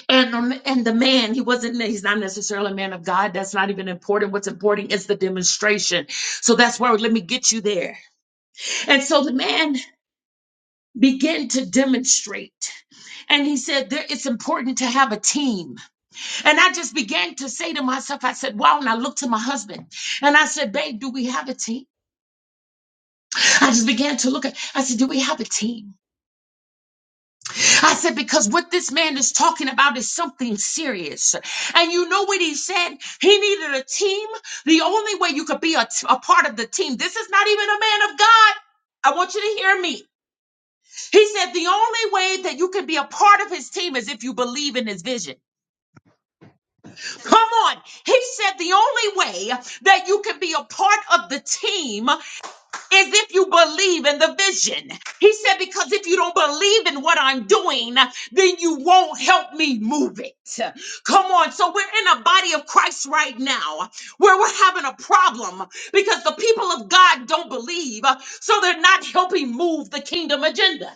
S2: And um, and the man, he wasn't he's not necessarily a man of God. That's not even important. What's important is the demonstration. So that's where let me get you there. And so the man begin to demonstrate. And he said, there, It's important to have a team. And I just began to say to myself, I said, Wow. And I looked to my husband and I said, Babe, do we have a team? I just began to look at, I said, Do we have a team? I said, Because what this man is talking about is something serious. And you know what he said? He needed a team. The only way you could be a, a part of the team, this is not even a man of God. I want you to hear me. He said the only way that you can be a part of his team is if you believe in his vision. Come on. He said the only way that you can be a part of the team is if you believe in the vision. He said, because if you don't believe in what I'm doing, then you won't help me move it. Come on. So we're in a body of Christ right now where we're having a problem because the people of God don't believe. So they're not helping move the kingdom agenda.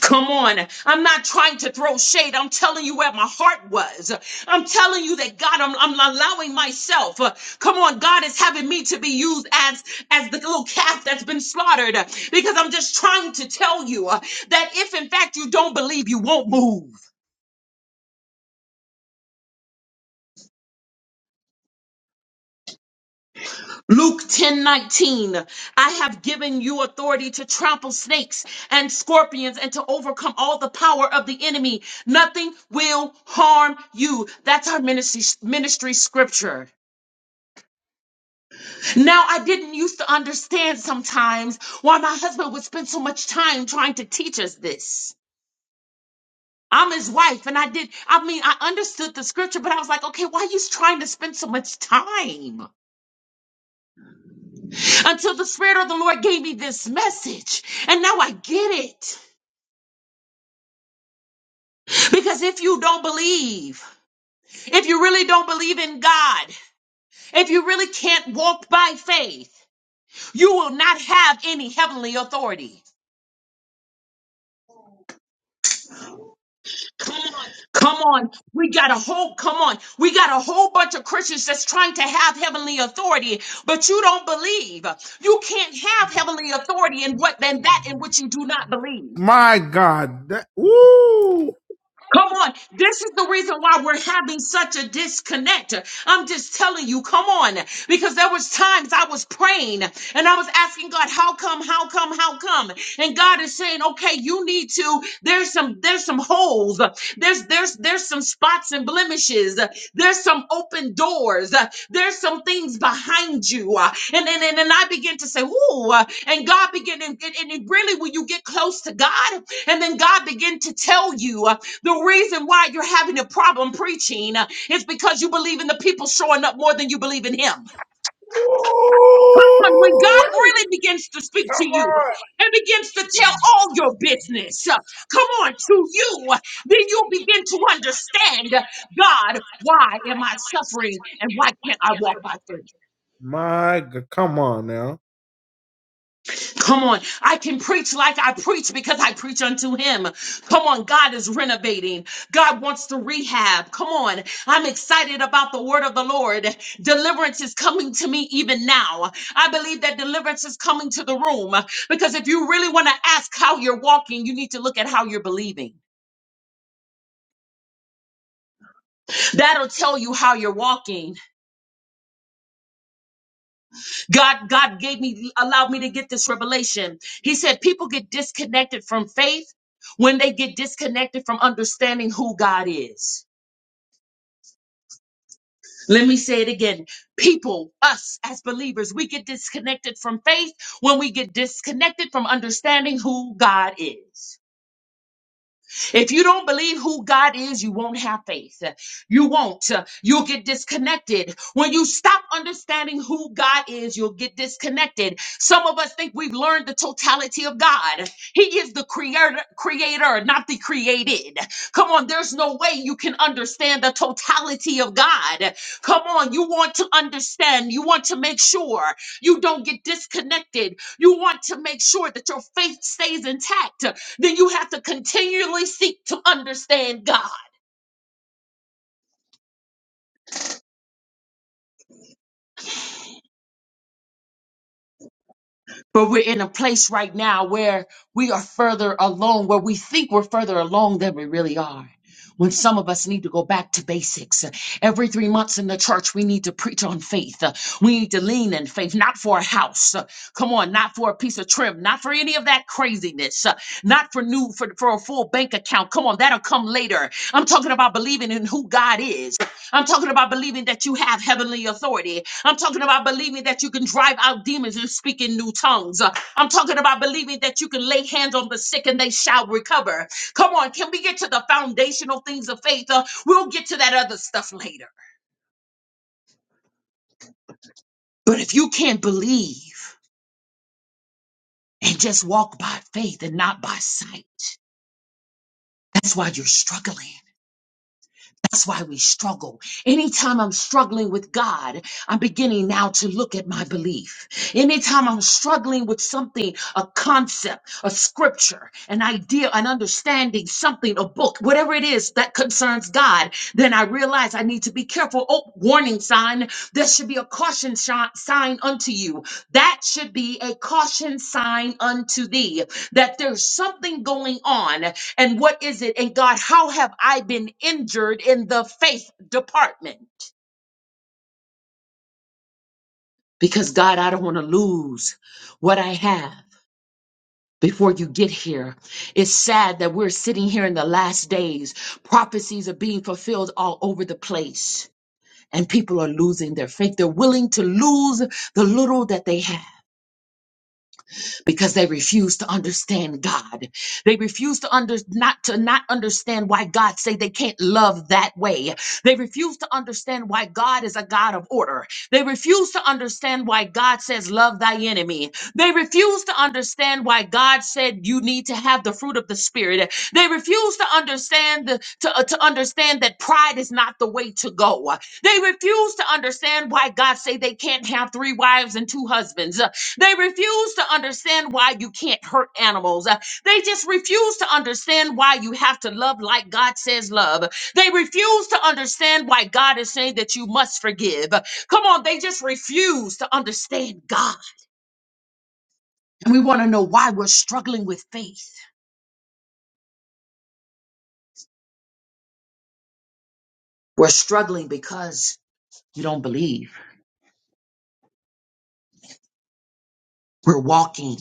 S2: Come on. I'm not trying to throw shade. I'm telling you where my heart was. I'm telling you that God, I'm, I'm allowing myself. uh, Come on. God is having me to be used as, as the little calf that's been slaughtered uh, because I'm just trying to tell you uh, that if in fact you don't believe, you won't move. Luke 10 19. I have given you authority to trample snakes and scorpions and to overcome all the power of the enemy. Nothing will harm you. That's our ministry, ministry scripture. Now, I didn't used to understand sometimes why my husband would spend so much time trying to teach us this. I'm his wife, and I did, I mean, I understood the scripture, but I was like, okay, why are you trying to spend so much time? until the Spirit of the Lord gave me this message. And now I get it. Because if you don't believe, if you really don't believe in God, if you really can't walk by faith, you will not have any heavenly authority. Come on, we got a whole come on. We got a whole bunch of Christians that's trying to have heavenly authority, but you don't believe. You can't have heavenly authority in what than that in which you do not believe.
S1: My God. That, woo!
S2: Come on. This is the reason why we're having such a disconnect. I'm just telling you, come on. Because there was times I was praying and I was asking God, how come, how come, how come? And God is saying, okay, you need to, there's some, there's some holes. There's, there's, there's some spots and blemishes. There's some open doors. There's some things behind you. And then, and, and I begin to say, ooh, and God began, and, and, and really when you get close to God, and then God began to tell you. The reason why you're having a problem preaching uh, is because you believe in the people showing up more than you believe in Him. And when
S1: Woo!
S2: God really begins to speak to you and begins to tell all your business, uh, come on, to you, uh, then you'll begin to understand uh, God, why am I suffering and why can't I walk by faith?
S1: My God. Come on now.
S2: Come on. I can preach like I preach because I preach unto him. Come on. God is renovating. God wants to rehab. Come on. I'm excited about the word of the Lord. Deliverance is coming to me even now. I believe that deliverance is coming to the room because if you really want to ask how you're walking, you need to look at how you're believing. That'll tell you how you're walking. God, God gave me, allowed me to get this revelation. He said people get disconnected from faith when they get disconnected from understanding who God is. Let me say it again. People, us as believers, we get disconnected from faith when we get disconnected from understanding who God is. If you don't believe who God is, you won't have faith. You won't. You'll get disconnected. When you stop understanding who God is, you'll get disconnected. Some of us think we've learned the totality of God. He is the creator, creator, not the created. Come on, there's no way you can understand the totality of God. Come on, you want to understand. You want to make sure you don't get disconnected. You want to make sure that your faith stays intact then you have to continually seek to understand God. But we're in a place right now where we are further along, where we think we're further along than we really are. When some of us need to go back to basics. Every three months in the church, we need to preach on faith. Uh, We need to lean in faith, not for a house. Uh, Come on, not for a piece of trim, not for any of that craziness, uh, not for new, for, for a full bank account. Come on, that'll come later. I'm talking about believing in who God is. I'm talking about believing that you have heavenly authority. I'm talking about believing that you can drive out demons and speak in new tongues. Uh, I'm talking about believing that you can lay hands on the sick and they shall recover. Come on, can we get to the foundational things of faith? Uh, we'll get to that other stuff later. But if you can't believe and just walk by faith and not by sight, that's why you're struggling. That's why we struggle. Anytime I'm struggling with God, I'm beginning now to look at my belief. Anytime I'm struggling with something, a concept, a scripture, an idea, an understanding, something, a book, whatever it is that concerns God, then I realize I need to be careful. Oh, warning sign. There should be a caution shi- sign unto you. That should be a caution sign unto thee that there's something going on and what is it? And God, how have I been injured in the faith department? Because God, I don't want to lose what I have. Before you get here, it's sad that we're sitting here in the last days. Prophecies are being fulfilled all over the place, and people are losing their faith. They're willing to lose the little that they have. because they refuse to understand God. They refuse to under not to not understand why God say they can't love that way. They refuse to understand why God is a God of order. They refuse to understand why God says love thy enemy. They refuse to understand why God said you need to have the fruit of the spirit. They refuse to understand the, to, uh, to understand that pride is not the way to go. They refuse to understand why God say they can't have three wives and two husbands. They refuse to understand why you can't hurt animals. Uh, They just refuse to understand why you have to love like God says love. They refuse to understand why God is saying that you must forgive. Uh, Come on, they just refuse to understand God. And we want to know why we're struggling with faith. We're struggling because you don't believe. We're walking.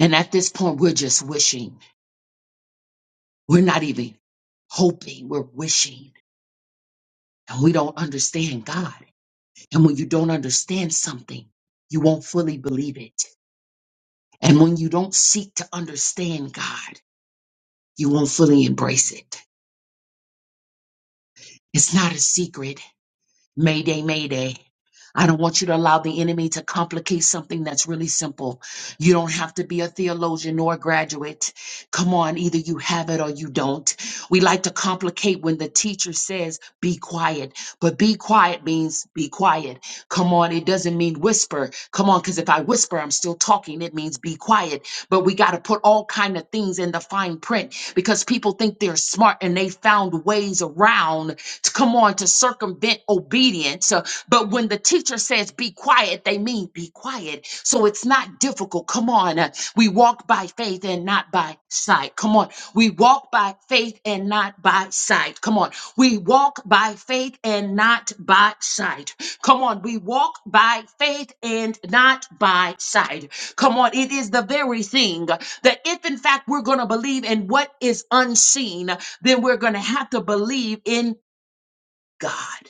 S2: And at this point, we're just wishing. We're not even hoping. We're wishing. And we don't understand God. And when you don't understand something, you won't fully believe it. And when you don't seek to understand God, you won't fully embrace it. It's not a secret. Mayday, mayday. I don't want you to allow the enemy to complicate something that's really simple. You don't have to be a theologian nor a graduate. Come on, either you have it or you don't. We like to complicate when the teacher says, be quiet. But be quiet means be quiet. Come on, it doesn't mean whisper. Come on, because if I whisper, I'm still talking. It means be quiet. But we got to put all kind of things in the fine print because people think they're smart and they found ways around to come on to circumvent obedience. Uh, But when the teacher says be quiet, they mean be quiet. So it's not difficult. Come on. uh, We walk by faith and not by sight. Come on. We walk by faith and not by sight. Come on. We walk by faith and not by sight. Come on. We walk by faith and not by sight. Come on. It is the very thing uh, that if in fact we're going to believe in what is unseen, then we're going to have to believe in God.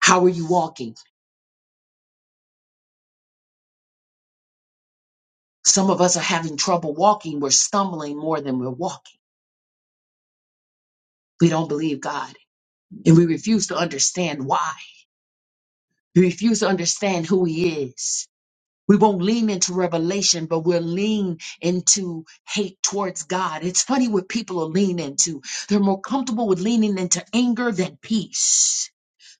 S2: How are you walking? Some of us are having trouble walking. We're stumbling more than we're walking. We don't believe God and we refuse to understand why. We refuse to understand who He is. We won't lean into revelation, but we'll lean into hate towards God. It's funny what people are leaning into. They're more comfortable with leaning into anger than peace.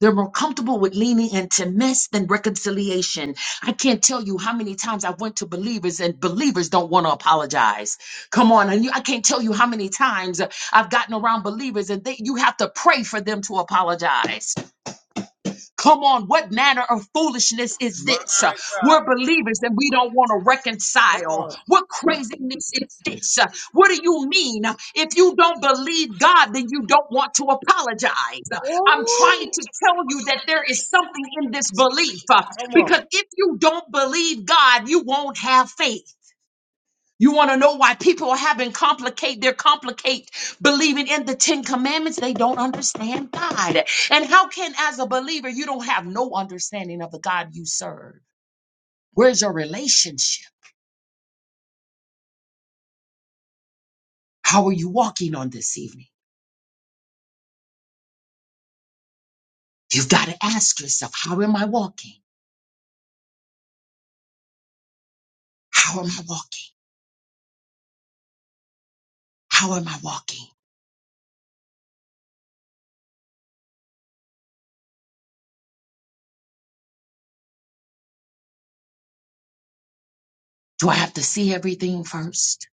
S2: They're more comfortable with leaning into mess than reconciliation. I can't tell you how many times I went to believers and believers don't want to apologize. Come on, and you, I can't tell you how many times I've gotten around believers and they, you have to pray for them to apologize. Come on, what manner of foolishness is
S1: My
S2: this? Uh,
S1: God.
S2: We're believers and we don't want to
S1: Come
S2: reconcile.
S1: on.
S2: What craziness is this? Uh, What do you mean? Uh, If you don't believe God, then you don't want to apologize. Uh, I'm
S1: Trying to tell
S2: trying to tell you
S1: you
S2: that
S1: that
S2: there
S1: there
S2: is
S1: is
S2: something
S1: something
S2: in
S1: in
S2: this
S1: this
S2: belief
S1: belief.
S2: uh,
S1: Come on.
S2: because if you don't believe God, you won't have faith. You want to know why people are having complicate, they're complicate believing in the Ten Commandments. They don't understand God. And how can, as a believer, you don't have no understanding of the God you serve? Where's your relationship? How are you walking on this evening? You've got to ask yourself, how am I walking? How am I walking? How am I walking? Do I have to see everything first?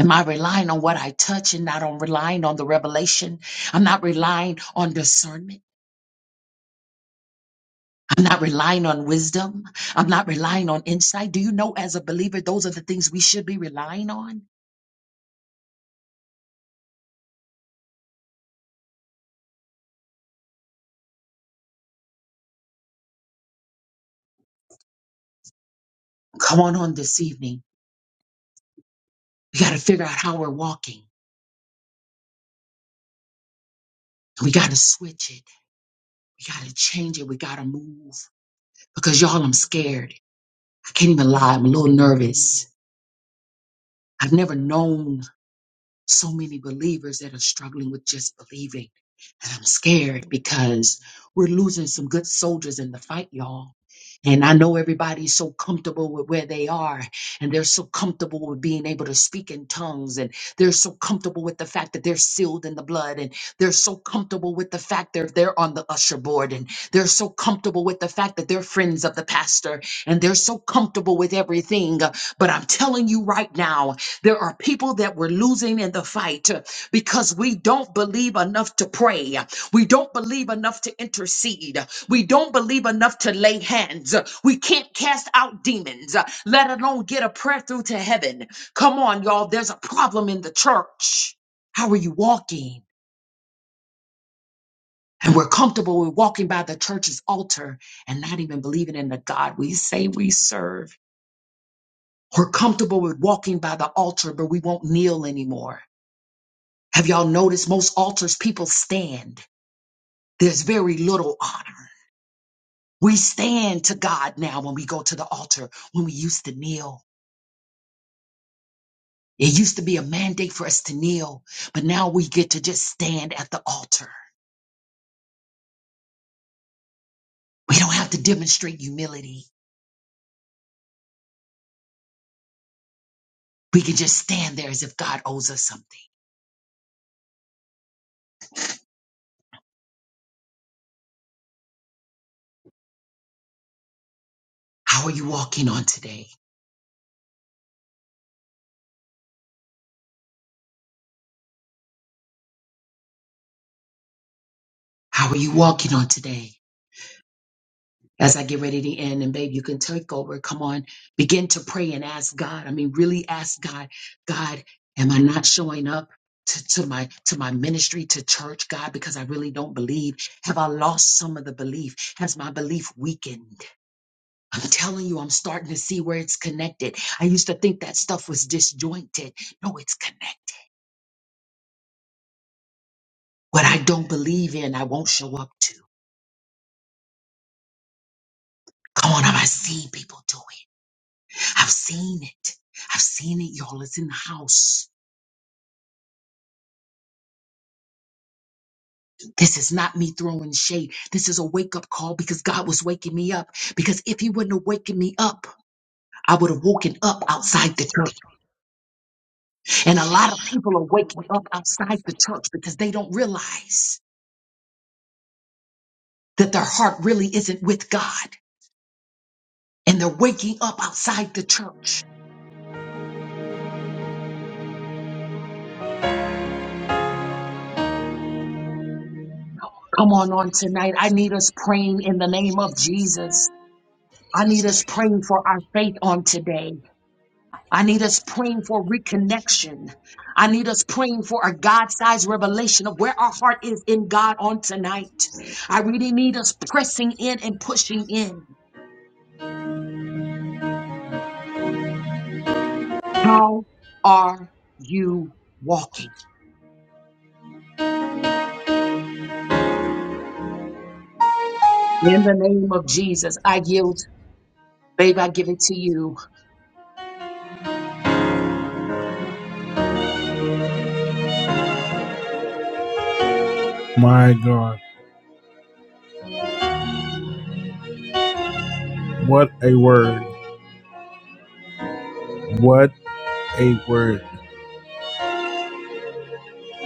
S2: Am I relying on what I touch and not on relying on the revelation? I'm not relying on discernment. I'm not relying on wisdom. I'm not relying on insight. Do you know, as a believer, those are the things we should be relying on? Come on, on this evening. We got to figure out how we're walking. We got to switch it. We got to change it. We got to move. Because y'all, I'm scared. I can't even lie. I'm a little nervous. I've never known so many believers that are struggling with just believing. And I'm scared because we're losing some good soldiers in the fight, y'all. And I know everybody's so comfortable with where they are, and they're so comfortable with being able to speak in tongues, and they're so comfortable with the fact that they're sealed in the blood, and they're so comfortable with the fact that they're on the usher board, and they're so comfortable with the fact that they're friends of the pastor, and they're so comfortable with everything. But I'm telling you right now, there are people that we're losing in the fight because we don't believe enough to pray. We don't believe enough to intercede. We don't believe enough to lay hands. We can't cast out demons, let alone get a prayer through to heaven. Come on, y'all. There's a problem in the church. How are you walking? And we're comfortable with walking by the church's altar and not even believing in the God we say we serve. We're comfortable with walking by the altar, but we won't kneel anymore. Have y'all noticed most altars people stand? There's very little honor. We stand to God now when we go to the altar, when we used to kneel. It used to be a mandate for us to kneel, but now we get to just stand at the altar. We don't have to demonstrate humility. We can just stand there as if God owes us something. How are you walking on today? How are you walking on today? as I get ready to end. And babe, you can take over. Come on, begin to pray and ask God. I mean, really ask God, God, am I not showing up? To, to my to my ministry to church god because i really don't believe have i lost some of the belief has my belief weakened i'm telling you i'm starting to see where it's connected i used to think that stuff was disjointed no it's connected what i don't believe in i won't show up to come on i've seen people do it i've seen it i've seen it y'all it's in the house This is not me throwing shade. This is a wake up call because God was waking me up. Because if He wouldn't have waken me up, I would have woken up outside the church. And a lot of people are waking up outside the church because they don't realize that their heart really isn't with God. And they're waking up outside the church. Come on, on tonight. I need us praying in the name of Jesus. I need us praying for our faith on today. I need us praying for reconnection. I need us praying for a God sized revelation of where our heart is in God on tonight. I really need us pressing in and pushing in. How are you walking? In the name of Jesus, I yield. Babe, I give it to you.
S1: My God. What a word. What a word.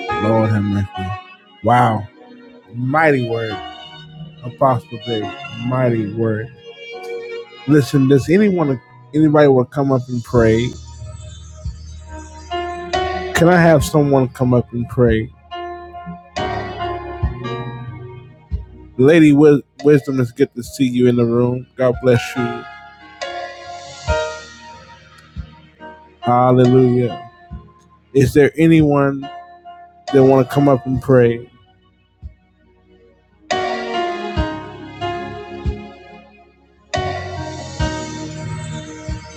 S1: Lord have mercy. Wow. Mighty word. Apostle Dave. Mighty word. Listen, does anyone, anybody will come up and pray? Can I have someone come up and pray? Lady Wis- Wisdom, it's good to see you in the room. God bless you. Hallelujah. Is there anyone that want to come up and pray?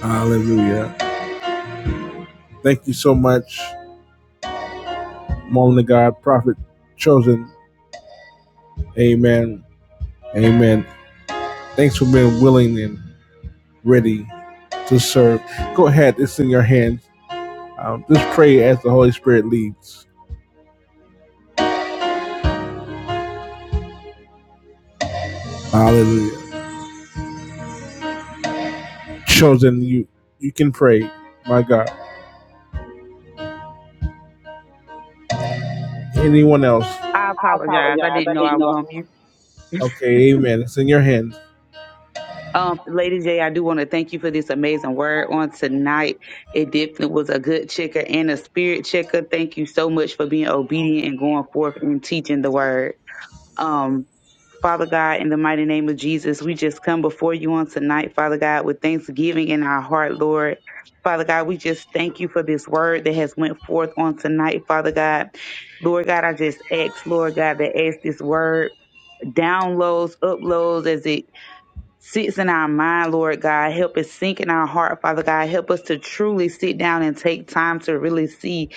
S1: Hallelujah. Thank you so much, Mom of God, Prophet Chosen. Amen. Amen. Thanks for being willing and ready to serve. Go ahead. It's in your hands. Um, just pray as the Holy Spirit leads. Hallelujah. Chosen, you you can pray. My God. Anyone else?
S3: I
S1: I
S3: apologize. I
S1: apologize.
S3: didn't
S1: I
S3: know I
S1: didn't
S3: was
S1: know.
S3: on mute.
S1: Okay, amen. It's in your hands.
S3: Um, Lady J, I do want to thank you for this amazing word on tonight. It definitely was a good checker and a spirit checker. Thank you so much for being obedient and going forth and teaching the word. Um, Father God, in the mighty name of Jesus, we just come before you on tonight, Father God, with thanksgiving in our heart, Lord. Father God, we just thank you for this word that has went forth on tonight, Father God. Lord God, I just ask, Lord God, that ask this word. downloads, uploads as it sits in our mind, Lord God. Help it sink in our heart, Father God. Help us to truly sit down and take time to really see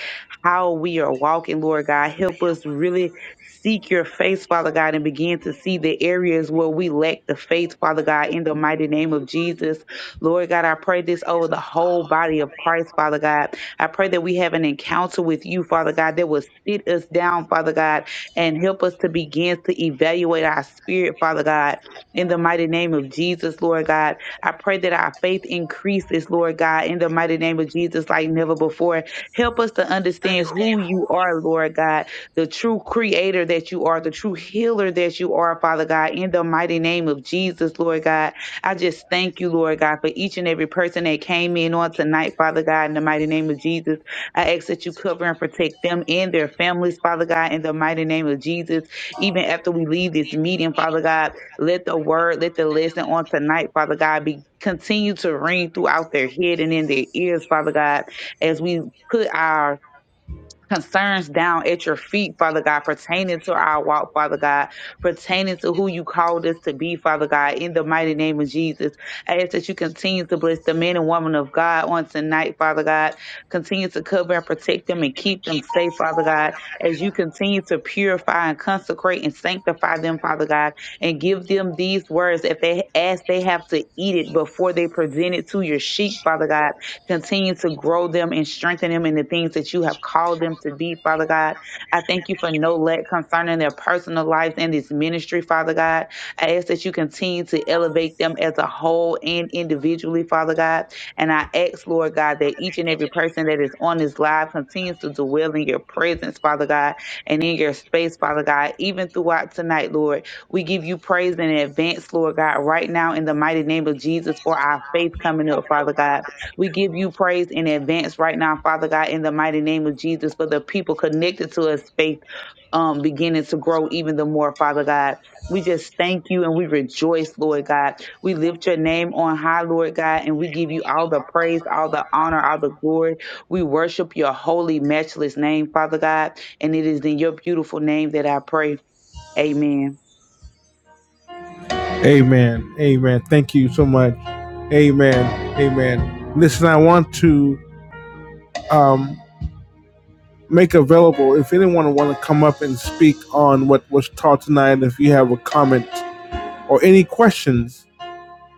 S3: how we are walking, Lord God. Help us really seek your face, Father God, and begin to see the areas where we lack the faith, Father God, in the mighty name of Jesus. Lord God, I pray this over the whole body of Christ, Father God. I pray that we have an encounter with you, Father God, that will sit us down, Father God, and help us to begin to evaluate our spirit, Father God in the mighty name of Jesus, Lord God, I pray that our faith increases, Lord God, in the mighty name of Jesus, like never before. Help us to understand who you are, Lord God, the true creator that you are, the true healer that you are, Father God, in the mighty name of Jesus, Lord God. I just thank you, Lord God, for each and every person that came in on tonight, Father God, in the mighty name of Jesus. I ask that you cover and protect them and their families, Father God, in the mighty name of Jesus, even after we leave this meeting, Father God. Let the word, let the lesson on tonight, Father God, be continue to ring throughout their head and in their ears, Father God, as we put our concerns down at your feet, Father God, pertaining to our walk, Father God, pertaining to who you called us to be, Father God, in the mighty name of Jesus. I ask that you continue to bless the men and women of God on tonight, Father God. Continue to cover and protect them and keep them safe, Father God, as you continue to purify and consecrate and sanctify them, Father God, and give them these words if they ask they have to eat it before they present it to your sheep, Father God Continue to grow them and strengthen them in the things that you have called them to be, Father God. I thank you for no lack concerning their personal lives and this ministry, Father God. I ask that you continue to elevate them as a whole and individually, Father God. And I ask, Lord God, that each and every person that is on this live continues to dwell in your presence, Father God, and in your space, Father God, even throughout tonight, Lord. We give you praise in advance, Lord God, right now in the mighty name of Jesus for our faith coming up, Father God. We give you praise in advance right now, Father God, in the mighty name of Jesus, for the people connected to us, faith um, beginning to grow even the more, Father God. We just thank you and we rejoice, Lord God. We lift your name on high, Lord God, and we give you all the praise, all the honor, all the glory. We worship your holy, matchless name, Father God, and it is in your beautiful name that I pray. Amen.
S1: Amen. Amen. Thank you so much. Amen. Amen. Listen, I want to um, make available if anyone want to come up and speak on what was taught tonight. If you have a comment or any questions,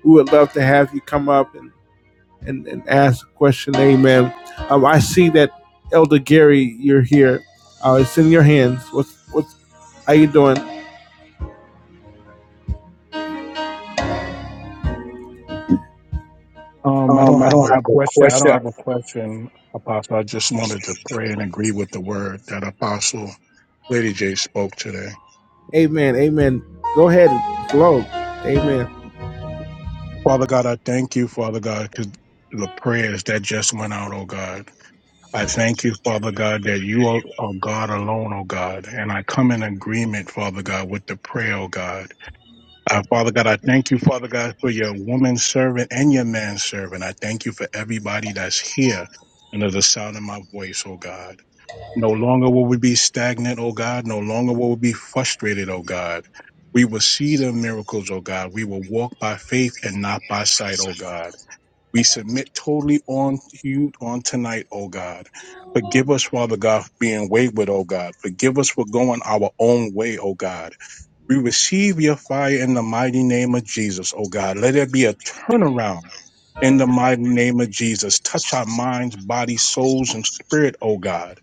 S1: we would love to have you come up and and, and ask a question. Amen. Um, I see that Elder Gary, you're here. Uh, it's in your hands. What's what's how you doing?
S4: Um, I don't have a question. I don't have a question, Apostle. I just wanted to pray and agree with the word that Apostle Lady J spoke today.
S1: Amen. Amen. Go ahead and flow. Amen.
S4: Father God, I thank you, Father God, because the prayers that just went out, oh God. I thank you, Father God, that you are, are God alone, oh God. And I come in agreement, Father God, with the prayer, oh God. Uh, Father God, I thank you, Father God, for your woman servant and your man servant. I thank you for everybody that's here under the sound of my voice, oh God. No longer will we be stagnant, O God. No longer will we be frustrated, O God. We will see the miracles, O God. We will walk by faith and not by sight, O God. We submit totally on to you on tonight, O God. Forgive us, Father God, for being wayward, O God. Forgive us for going our own way, O God. We receive your fire in the mighty name of Jesus, oh God. Let there be a turnaround in the mighty name of Jesus. Touch our minds, bodies, souls, and spirit, oh God.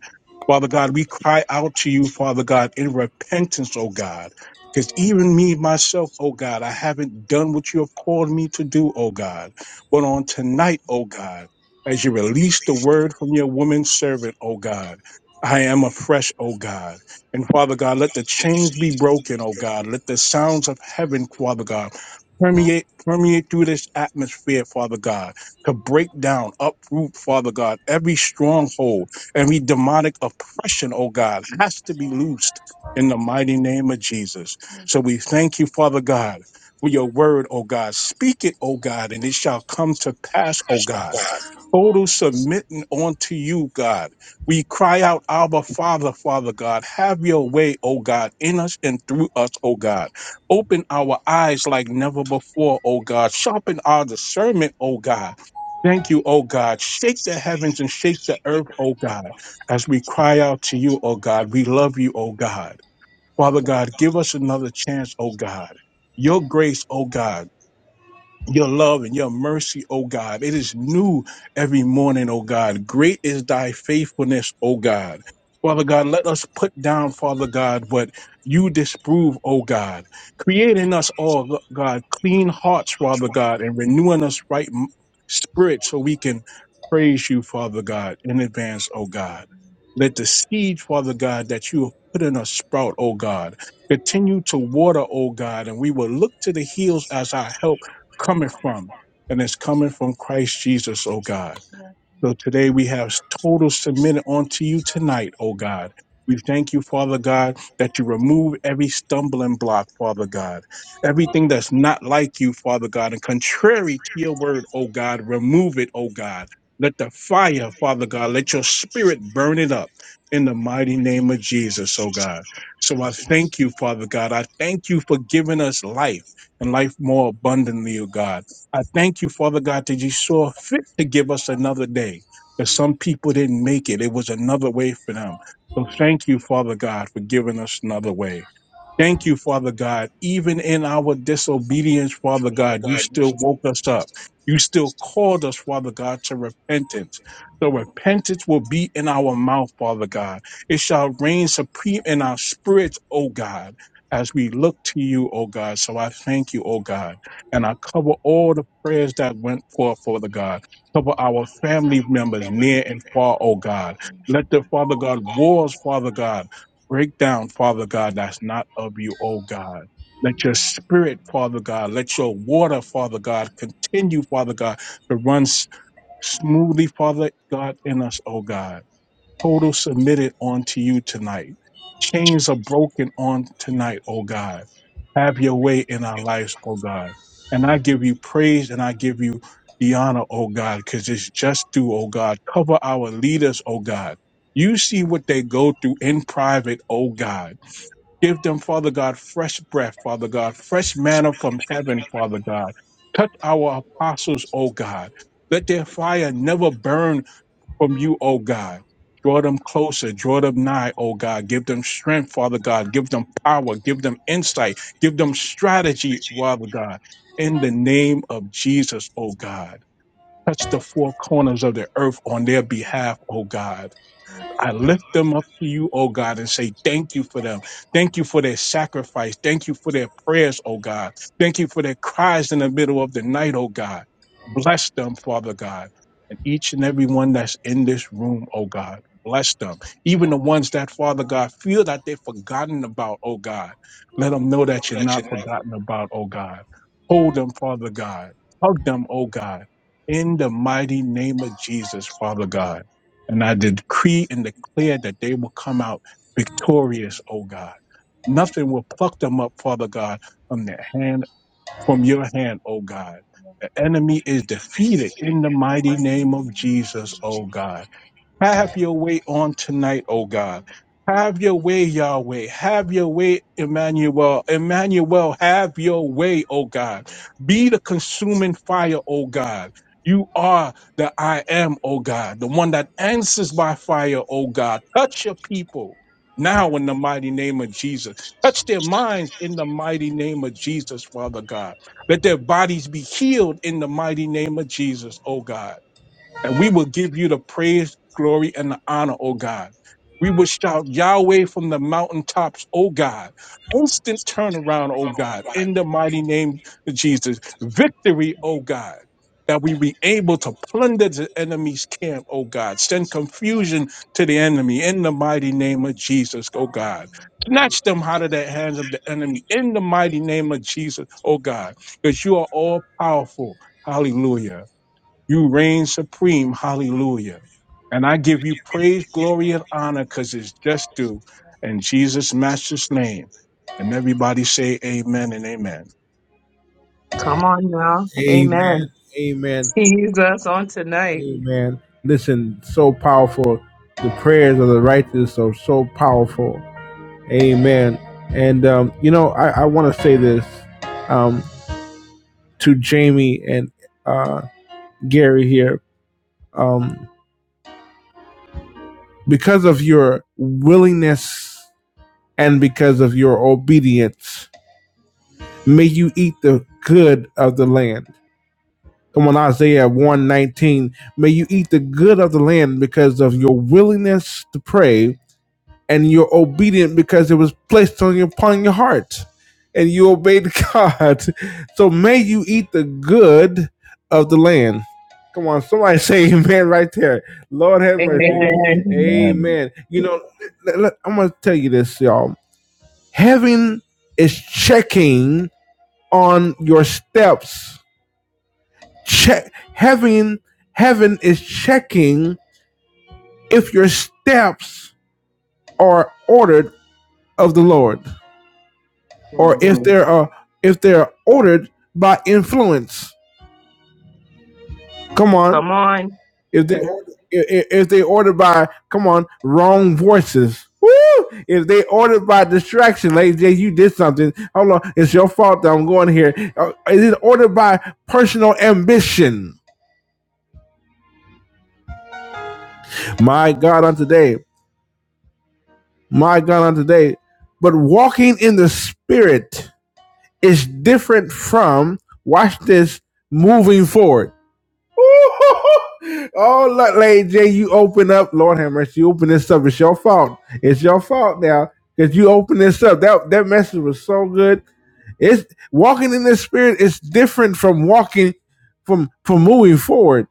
S4: Father God, we cry out to you, Father God, in repentance, oh God. Because even me, myself, oh God, I haven't done what you have called me to do, oh God. But on tonight, oh God, as you release the word from your woman servant, oh God, I am afresh, oh God. And Father God, let the chains be broken, oh God. Let the sounds of heaven, Father God, permeate permeate through this atmosphere, Father God, to break down, uproot, Father God, every stronghold, every demonic oppression, oh God, has to be loosed in the mighty name of Jesus. So we thank you, Father God, for your word, oh God. Speak it, oh God, and it shall come to pass, oh God total submitting unto you, God. We cry out, Abba, Father, Father God, have your way, O God, in us and through us, O God. Open our eyes like never before, O God. Sharpen our discernment, O God. Thank you, O God. Shake the heavens and shake the earth, O God, as we cry out to you, O God. We love you, O God. Father God, give us another chance, O God. Your grace, O God your love and your mercy, O God. It is new every morning, O God. Great is thy faithfulness, O God. Father God, let us put down, Father God, what you disprove, O God. Create in us all, God, clean hearts, Father God, and renewing us right m- spirit so we can praise you, Father God, in advance, O God. Let the seed, Father God, that you have put in us sprout, O God. Continue to water, O God, and we will look to the hills as our help coming from, and it's coming from Christ Jesus, O God. So today we have total submitted unto you tonight, O God. We thank you, Father God, that you remove every stumbling block, Father God. Everything that's not like you, Father God, and contrary to your word, O God, remove it, O God. Let the fire, Father God, let your spirit burn it up in the mighty name of Jesus, O God. So I thank you, Father God. I thank you for giving us life and life more abundantly, O God. I thank you, Father God, that you saw fit to give us another day. That some people didn't make it. It was another way for them. So thank you, Father God, for giving us another way. Thank you, Father God. Even in our disobedience, Father God, you still woke us up. You still called us, Father God, to repentance. So repentance will be in our mouth, Father God. It shall reign supreme in our spirits, O God, as we look to you, O God. So I thank you, O God. And I cover all the prayers that went forth, Father God. Cover our family members near and far, O God. Let the Father God wars, Father God Break down, Father God, that's not of you, oh God. Let your spirit, Father God, let your water, Father God, continue, Father God, to run s- smoothly, Father God, in us, oh God total submitted onto you tonight. Chains are broken on tonight, oh God. Have your way in our lives, oh God. And I give you praise and I give you the honor, oh God, because it's just due, oh God. Cover our leaders, oh God. You see what they go through in private, oh God. Give them, Father God, fresh breath, Father God, fresh manna from heaven, Father God. Touch our apostles, oh God. Let their fire never burn from you, O God. Draw them closer, draw them nigh, O God. Give them strength, Father God. Give them power, give them insight, give them strategy, Father God. In the name of Jesus, O God. Touch the four corners of the earth on their behalf, O God. I lift them up to you, oh God, and say thank you for them. Thank you for their sacrifice. Thank you for their prayers, oh God. Thank you for their cries in the middle of the night, oh God. Bless them, Father God. And each and every one that's in this room, oh God, bless them. Even the ones that, Father God, feel that they're forgotten about, oh God. Let them know that you're not forgotten about, oh God. Hold them, Father God. Hug them, oh God. In the mighty name of Jesus, Father God. And I decree and declare that they will come out victorious, O God. Nothing will pluck them up, Father God, from their hand, from your hand, O God. The enemy is defeated in the mighty name of Jesus, O God. Have your way on tonight, O God. Have your way, Yahweh. Have your way, Emmanuel. Emmanuel, have your way, O God. Be the consuming fire, O God. You are the I am, O God, the one that answers by fire, O God. Touch your people now in the mighty name of Jesus. Touch their minds in the mighty name of Jesus, Father God. Let their bodies be healed in the mighty name of Jesus, O God. And we will give you the praise, glory, and the honor, O God. We will shout Yahweh from the mountaintops, O God. Instant turnaround, O God, in the mighty name of Jesus. Victory, O God. That we be able to plunder the enemy's camp, O God. Send confusion to the enemy in the mighty name of Jesus, O God. Snatch them out of the hands of the enemy in the mighty name of Jesus, O God. Because you are all powerful. Hallelujah. You reign supreme. Hallelujah. And I give you praise, glory, and honor because it's just due in Jesus' Master's name. And everybody say amen and amen.
S2: Come on now.
S1: Amen.
S2: Amen.
S1: Amen.
S2: He's right.
S1: Amen. Listen, so powerful. The prayers of the righteous are so powerful. Amen. And um, you know, I, I want to say this um, to Jamie and uh, Gary here. Um, because of your willingness and because of your obedience, may you eat the good of the land. And when Isaiah 119, may you eat the good of the land because of your willingness to pray and you're obedient because it was placed on your, upon your heart and you obeyed God. So may you eat the good of the land. Come on, somebody say amen right there. Lord have mercy.
S2: Amen.
S1: Amen.
S4: Amen.
S1: Amen. You know, i l- I'm going to tell you this, y'all. Heaven is checking on your steps. Check heaven heaven is checking if your steps are ordered of the Lord. or if Mm. they are if they are ordered by influence. Come on, if they if, if they ordered by come on wrong voices. Woo! If they ordered by distraction, like Jay, you did something. Hold on, it's your fault that I'm going here. Uh, Is it ordered by personal ambition? My God, on today, my God, on today. But walking in the spirit is different from watch this moving forward oh, look, Lady J, you open up. Lord have mercy, you open this up. It's your fault. It's your fault now because you open this up. That that message was so good. It's walking in the spirit is different from walking from from moving forward.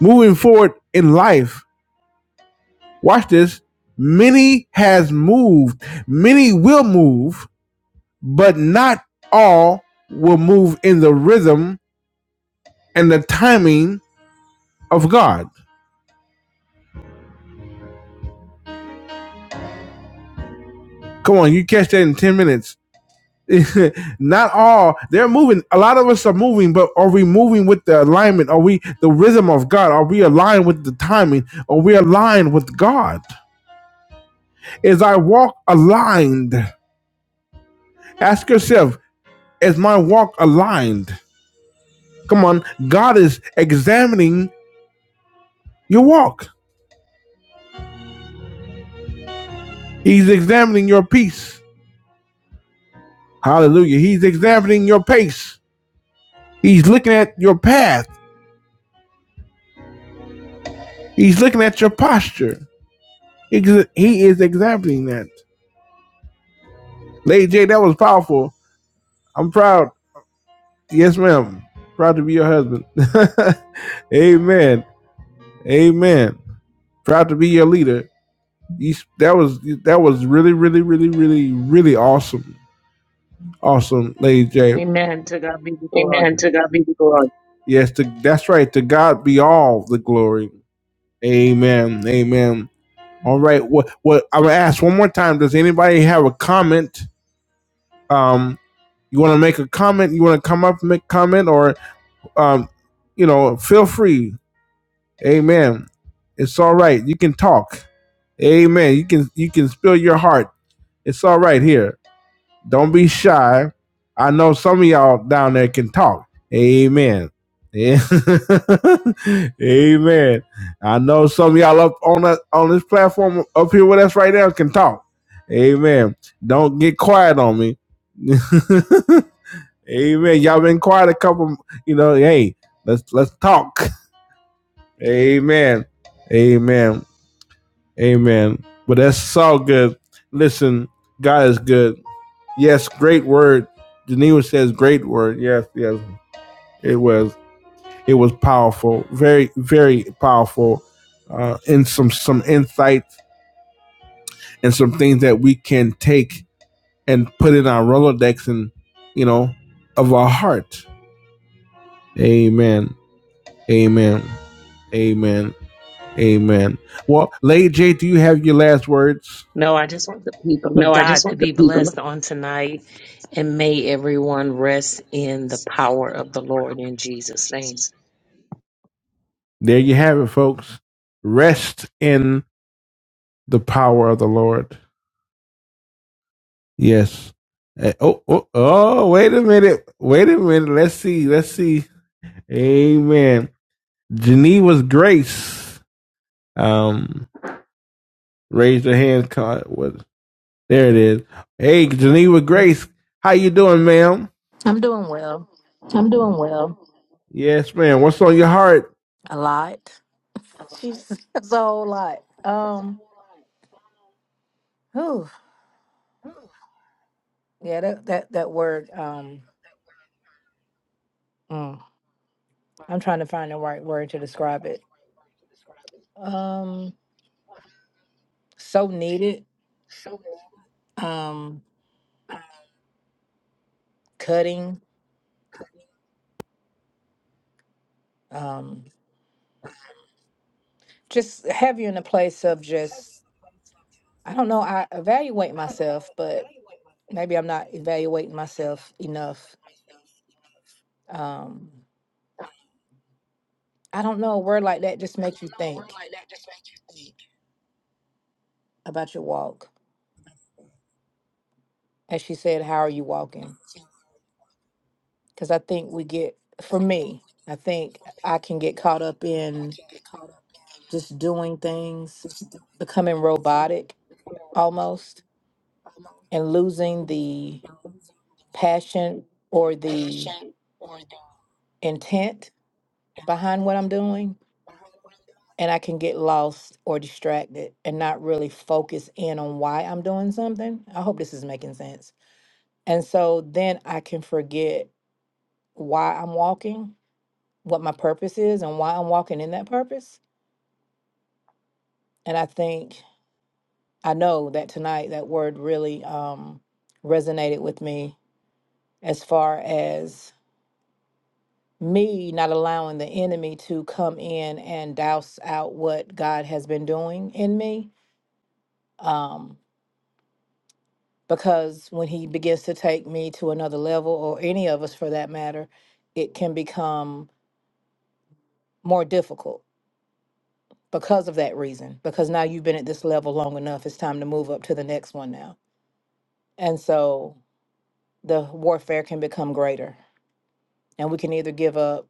S1: Moving forward in life. Watch this. Many has moved. Many will move, but not all will move in the rhythm and the timing of God. Come on, you catch that in 10 minutes. not all. They're moving. A lot of us are moving, but are we moving with the alignment? Are we the rhythm of God? Are we aligned with the timing? Are we aligned with God? Is I walk aligned? Ask yourself, is my walk aligned? Come on, God is examining your walk. He's examining your peace. Hallelujah. He's examining your pace. He's looking at your path. He's looking at your posture. He he is examining that. Lady J, that was powerful. I'm proud. Yes, ma'am. Proud to be your husband. Amen. Amen. Proud to be your leader. You, that was that was really, really, really, really, really awesome. Awesome, Lady J.
S2: Amen. To God be the glory.
S1: Yes, to, that's right. To God be all the glory. Amen. Amen. All right. What what I'm gonna ask one more time. Does anybody have a comment? Um, you want to make a comment? You want to come up and make a comment, or um, you know, feel free. Amen. It's all right. You can talk. Amen. You can you can spill your heart. It's all right here. Don't be shy. I know some of y'all down there can talk. Amen. Yeah. Amen. I know some of y'all up on that on this platform up here with us right now can talk. Amen. Don't get quiet on me. Amen. Y'all been quiet a couple, you know, hey, let's let's talk. Amen. Amen. Amen. But that's all good. Listen, God is good. Yes, great word. Geneva says great word. Yes, yes. It was it was powerful. Very, very powerful. Uh and some some insights and some things that we can take and put in our Rolodex and you know of our heart. Amen. Amen. Amen. Amen. Well, Lady J, do you have your last words?
S2: No, I just want the people of
S1: No, I just
S2: God to
S1: want the
S2: be
S1: people.
S2: blessed on tonight, and may everyone rest in the power of the Lord in Jesus' name.
S1: There you have it, folks. Rest in the power of the Lord. Yes. Eh, Oh, oh, oh, wait a minute. Wait a minute. Let's see. Let's see. Amen. Geneva's Grace. Um, raise your hand. Con- There it is. Hey, Geneva Grace. How you doing, ma'am?
S5: I'm doing well.
S1: Yes, ma'am. What's on your heart?
S5: A lot. She's it's a whole lot. Um. Whew. Yeah. That that that word. Um. mm, I'm trying to find the right word to describe it. Um. So needed. Um. Cutting. Um. Just have you in a place of just. I don't know. I evaluate myself, but maybe I'm not evaluating myself enough. Um. I don't know. A word like that just makes you think about your walk. As she said, how are you walking? because I think we get, for me, I think I can get caught up in just doing things, becoming robotic almost, and losing the passion or the intent behind what I'm doing. And I can get lost or distracted and not really focus in on why I'm doing something. I hope this is making sense. And so then I can forget why I'm walking, what my purpose is, and why I'm walking in that purpose. And I think I know that tonight that word really um, resonated with me as far as me not allowing the enemy to come in and douse out what God has been doing in me. Um, because when he begins to take me to another level, or any of us for that matter, it can become more difficult because of that reason. Because now you've been at this level long enough, it's time to move up to the next one now. And so the warfare can become greater and we can either give up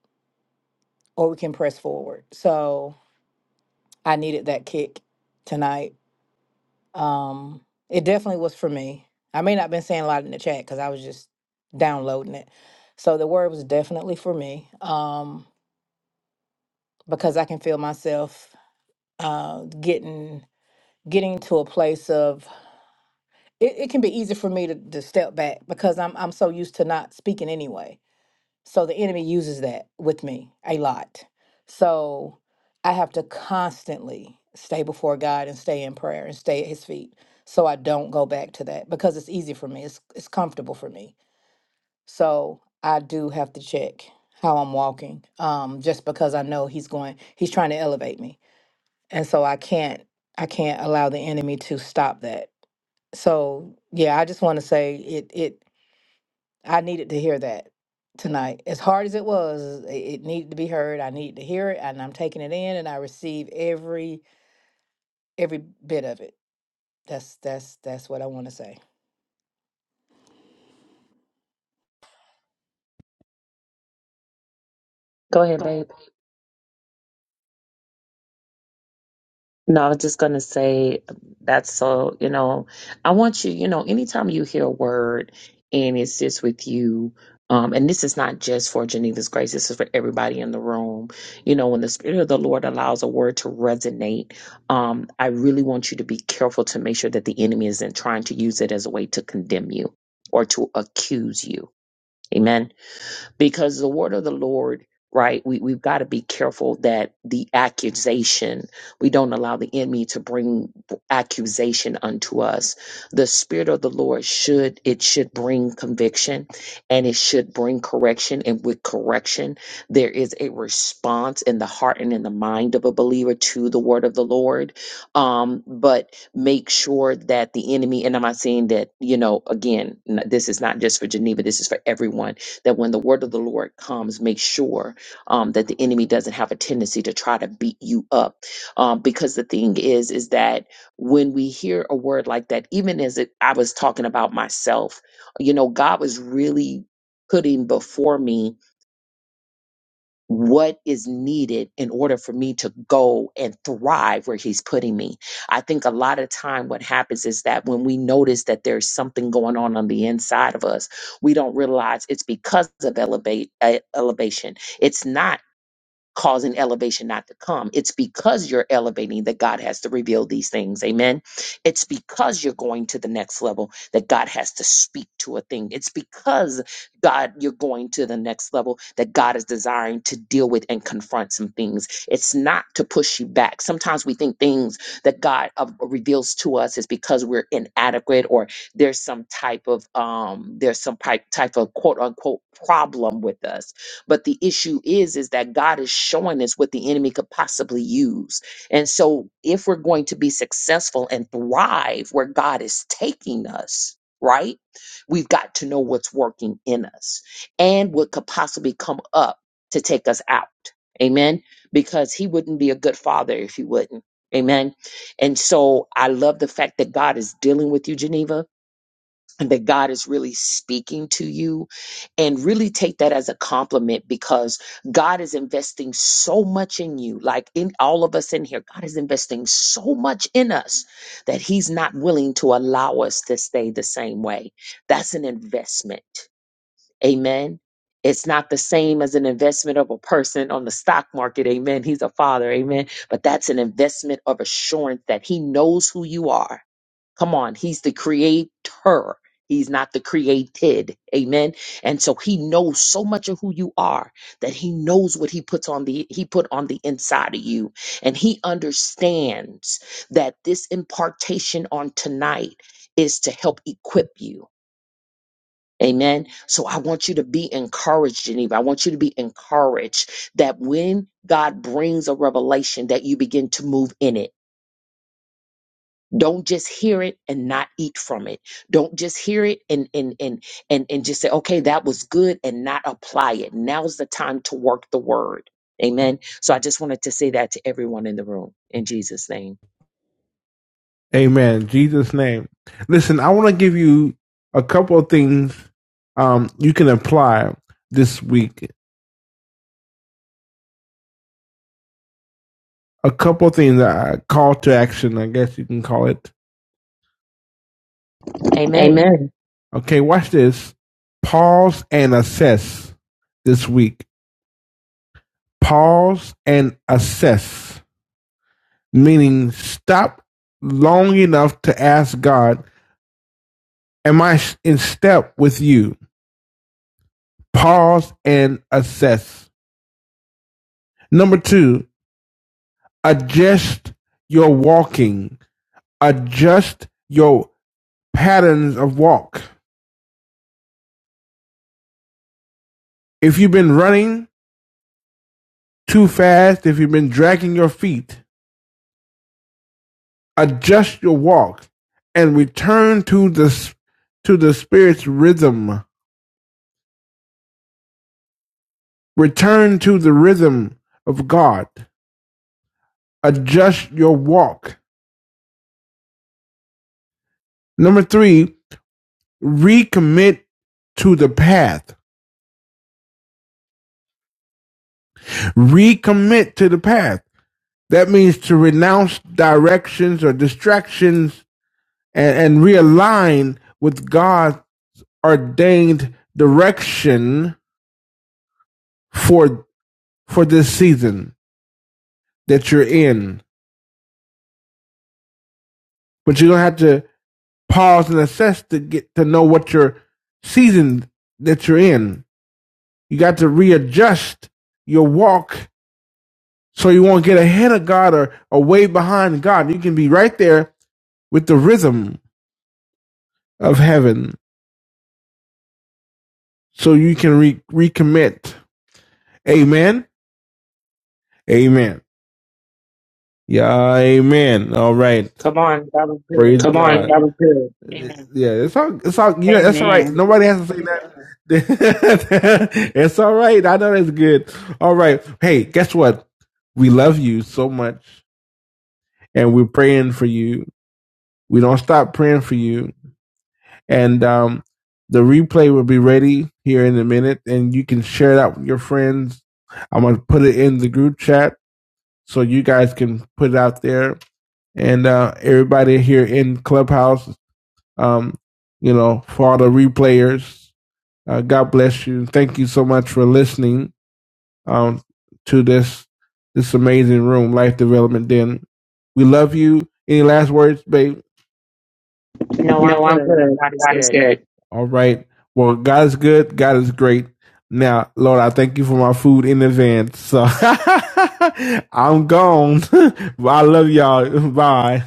S5: or we can press forward. So I needed that kick tonight. Um, it definitely was for me. I may not have been saying a lot in the chat because I was just downloading it. So the word was definitely for me um, because I can feel myself uh, getting getting to a place of it, it can be easy for me to, to step back because I'm I'm so used to not speaking anyway So the enemy uses that with me a lot. So I have to constantly stay before God and stay in prayer and stay at his feet so I don't go back to that because it's easy for me. It's it's comfortable for me. So I do have to check how I'm walking. Um just because I know he's going he's trying to elevate me. And so I can't I can't allow the enemy to stop that. So yeah, I just want to say it it I needed to hear that tonight. As hard as it was, it it needed to be heard. I needed to hear it, and I'm taking it in, and I receive every every bit of it. That's that's that's what I want to say.
S2: Go ahead, babe. No, I was just going to say that's so, you know, I want you, you know, anytime you hear a word and it sits with you, um, and this is not just for Geneva's grace, this is for everybody in the room. You know, when the Spirit of the Lord allows a word to resonate, um, I really want you to be careful to make sure that the enemy isn't trying to use it as a way to condemn you or to accuse you. Amen because the word of the Lord, right? We, we've got to be careful that the accusation, we don't allow the enemy to bring accusation unto us. The spirit of the Lord should, it should bring conviction and it should bring correction. And with correction, there is a response in the heart and in the mind of a believer to the word of the Lord. Um, but make sure that the enemy, and I'm not saying that, you know, again, n- this is not just for Geneva, this is for everyone that when the word of the Lord comes, make sure um, that the enemy doesn't have a tendency to try to beat you up. Um, because the thing is, is that when we hear a word like that, even as it, I was talking about myself, you know, God was really putting before me what is needed in order for me to go and thrive where he's putting me. I think a lot of time what happens is that when we notice that there's something going on on the inside of us, we don't realize it's because of elevate uh, elevation. It's not causing elevation not to come. It's because you're elevating that God has to reveal these things. Amen. It's because you're going to the next level that God has to speak to a thing. It's because God, you're going to the next level that God is desiring to deal with and confront some things. It's not to push you back. Sometimes we think things that God uh, reveals to us is because we're inadequate or there's some type of um there's some type type of quote unquote problem with us but the issue is, is that God is showing us what the enemy could possibly use. And so if we're going to be successful and thrive where God is taking us, right? We've got to know what's working in us and what could possibly come up to take us out. Amen. Because he wouldn't be a good father if he wouldn't. Amen. And so I love the fact that God is dealing with you, Geneva and that God is really speaking to you and really take that as a compliment because God is investing so much in you like in all of us in here God is investing so much in us that he's not willing to allow us to stay the same way that's an investment amen it's not the same as an investment of a person on the stock market amen he's a father amen but that's an investment of assurance that he knows who you are Come on, he's the creator. He's not the created. Amen. And so he knows so much of who you are that he knows what he puts on the he put on the inside of you. And he understands that this impartation on tonight is to help equip you. Amen. So I want you to be encouraged, Geneva. I want you to be encouraged that when God brings a revelation that you begin to move in it don't just hear it and not eat from it. Don't just hear it and and and and and just say, okay, that was good and not apply it. Now's the time to work the word. Amen. So I just wanted to say that to everyone in the room in Jesus' name.
S1: Amen. Jesus' name. Listen, I want to give you a couple of things um, you can apply this week. A couple of things, uh, call to action, I guess you can call it.
S2: Amen.
S1: Amen. Okay, watch this. Pause and assess this week. Pause and assess, meaning stop long enough to ask God, Am I in step with you? Pause and assess. Number two, Adjust your walking. Adjust your patterns of walk. If you've been running too fast, if you've been dragging your feet, adjust your walk and return to the to the spirit's rhythm. Return to the rhythm of God. Adjust your walk. Number 3, recommit to the path. Recommit to the path. That means to renounce directions or distractions and, and realign with God's ordained direction for for this season that you're in. But you're gonna have to pause and assess to get to know what your season that you're in. You got to readjust your walk so you won't get ahead of God or, or way behind God. You can be right there with the rhythm of heaven so you can re- recommit. Amen. Amen. Yeah, amen. All right.
S2: Come on. That was
S1: Praise
S2: good.
S1: Come on, God. that was good. Amen. Yeah, it's all it's all yeah, that's all right.
S3: Amen.
S1: Nobody has to say that. it's all right. I know that's good. All right. Hey, guess what? We love you so much and we're praying for you. We don't stop praying for you. And um the replay will be ready here in a minute and you can share that with your friends. I'm gonna put it in the group chat so you guys can put it out there. And uh everybody here in Clubhouse um, you know, for all the replayers. Uh, God bless you. Thank you so much for listening um, to this this amazing room, Life Development Den. We love you. Any last words, babe?
S2: No, I'm
S1: No, I'm
S2: good.
S1: good. God is good. All right. Well, God is good. God is great. Now, Lord, I thank you for my food in advance. So I'm gone. I love y'all. Bye.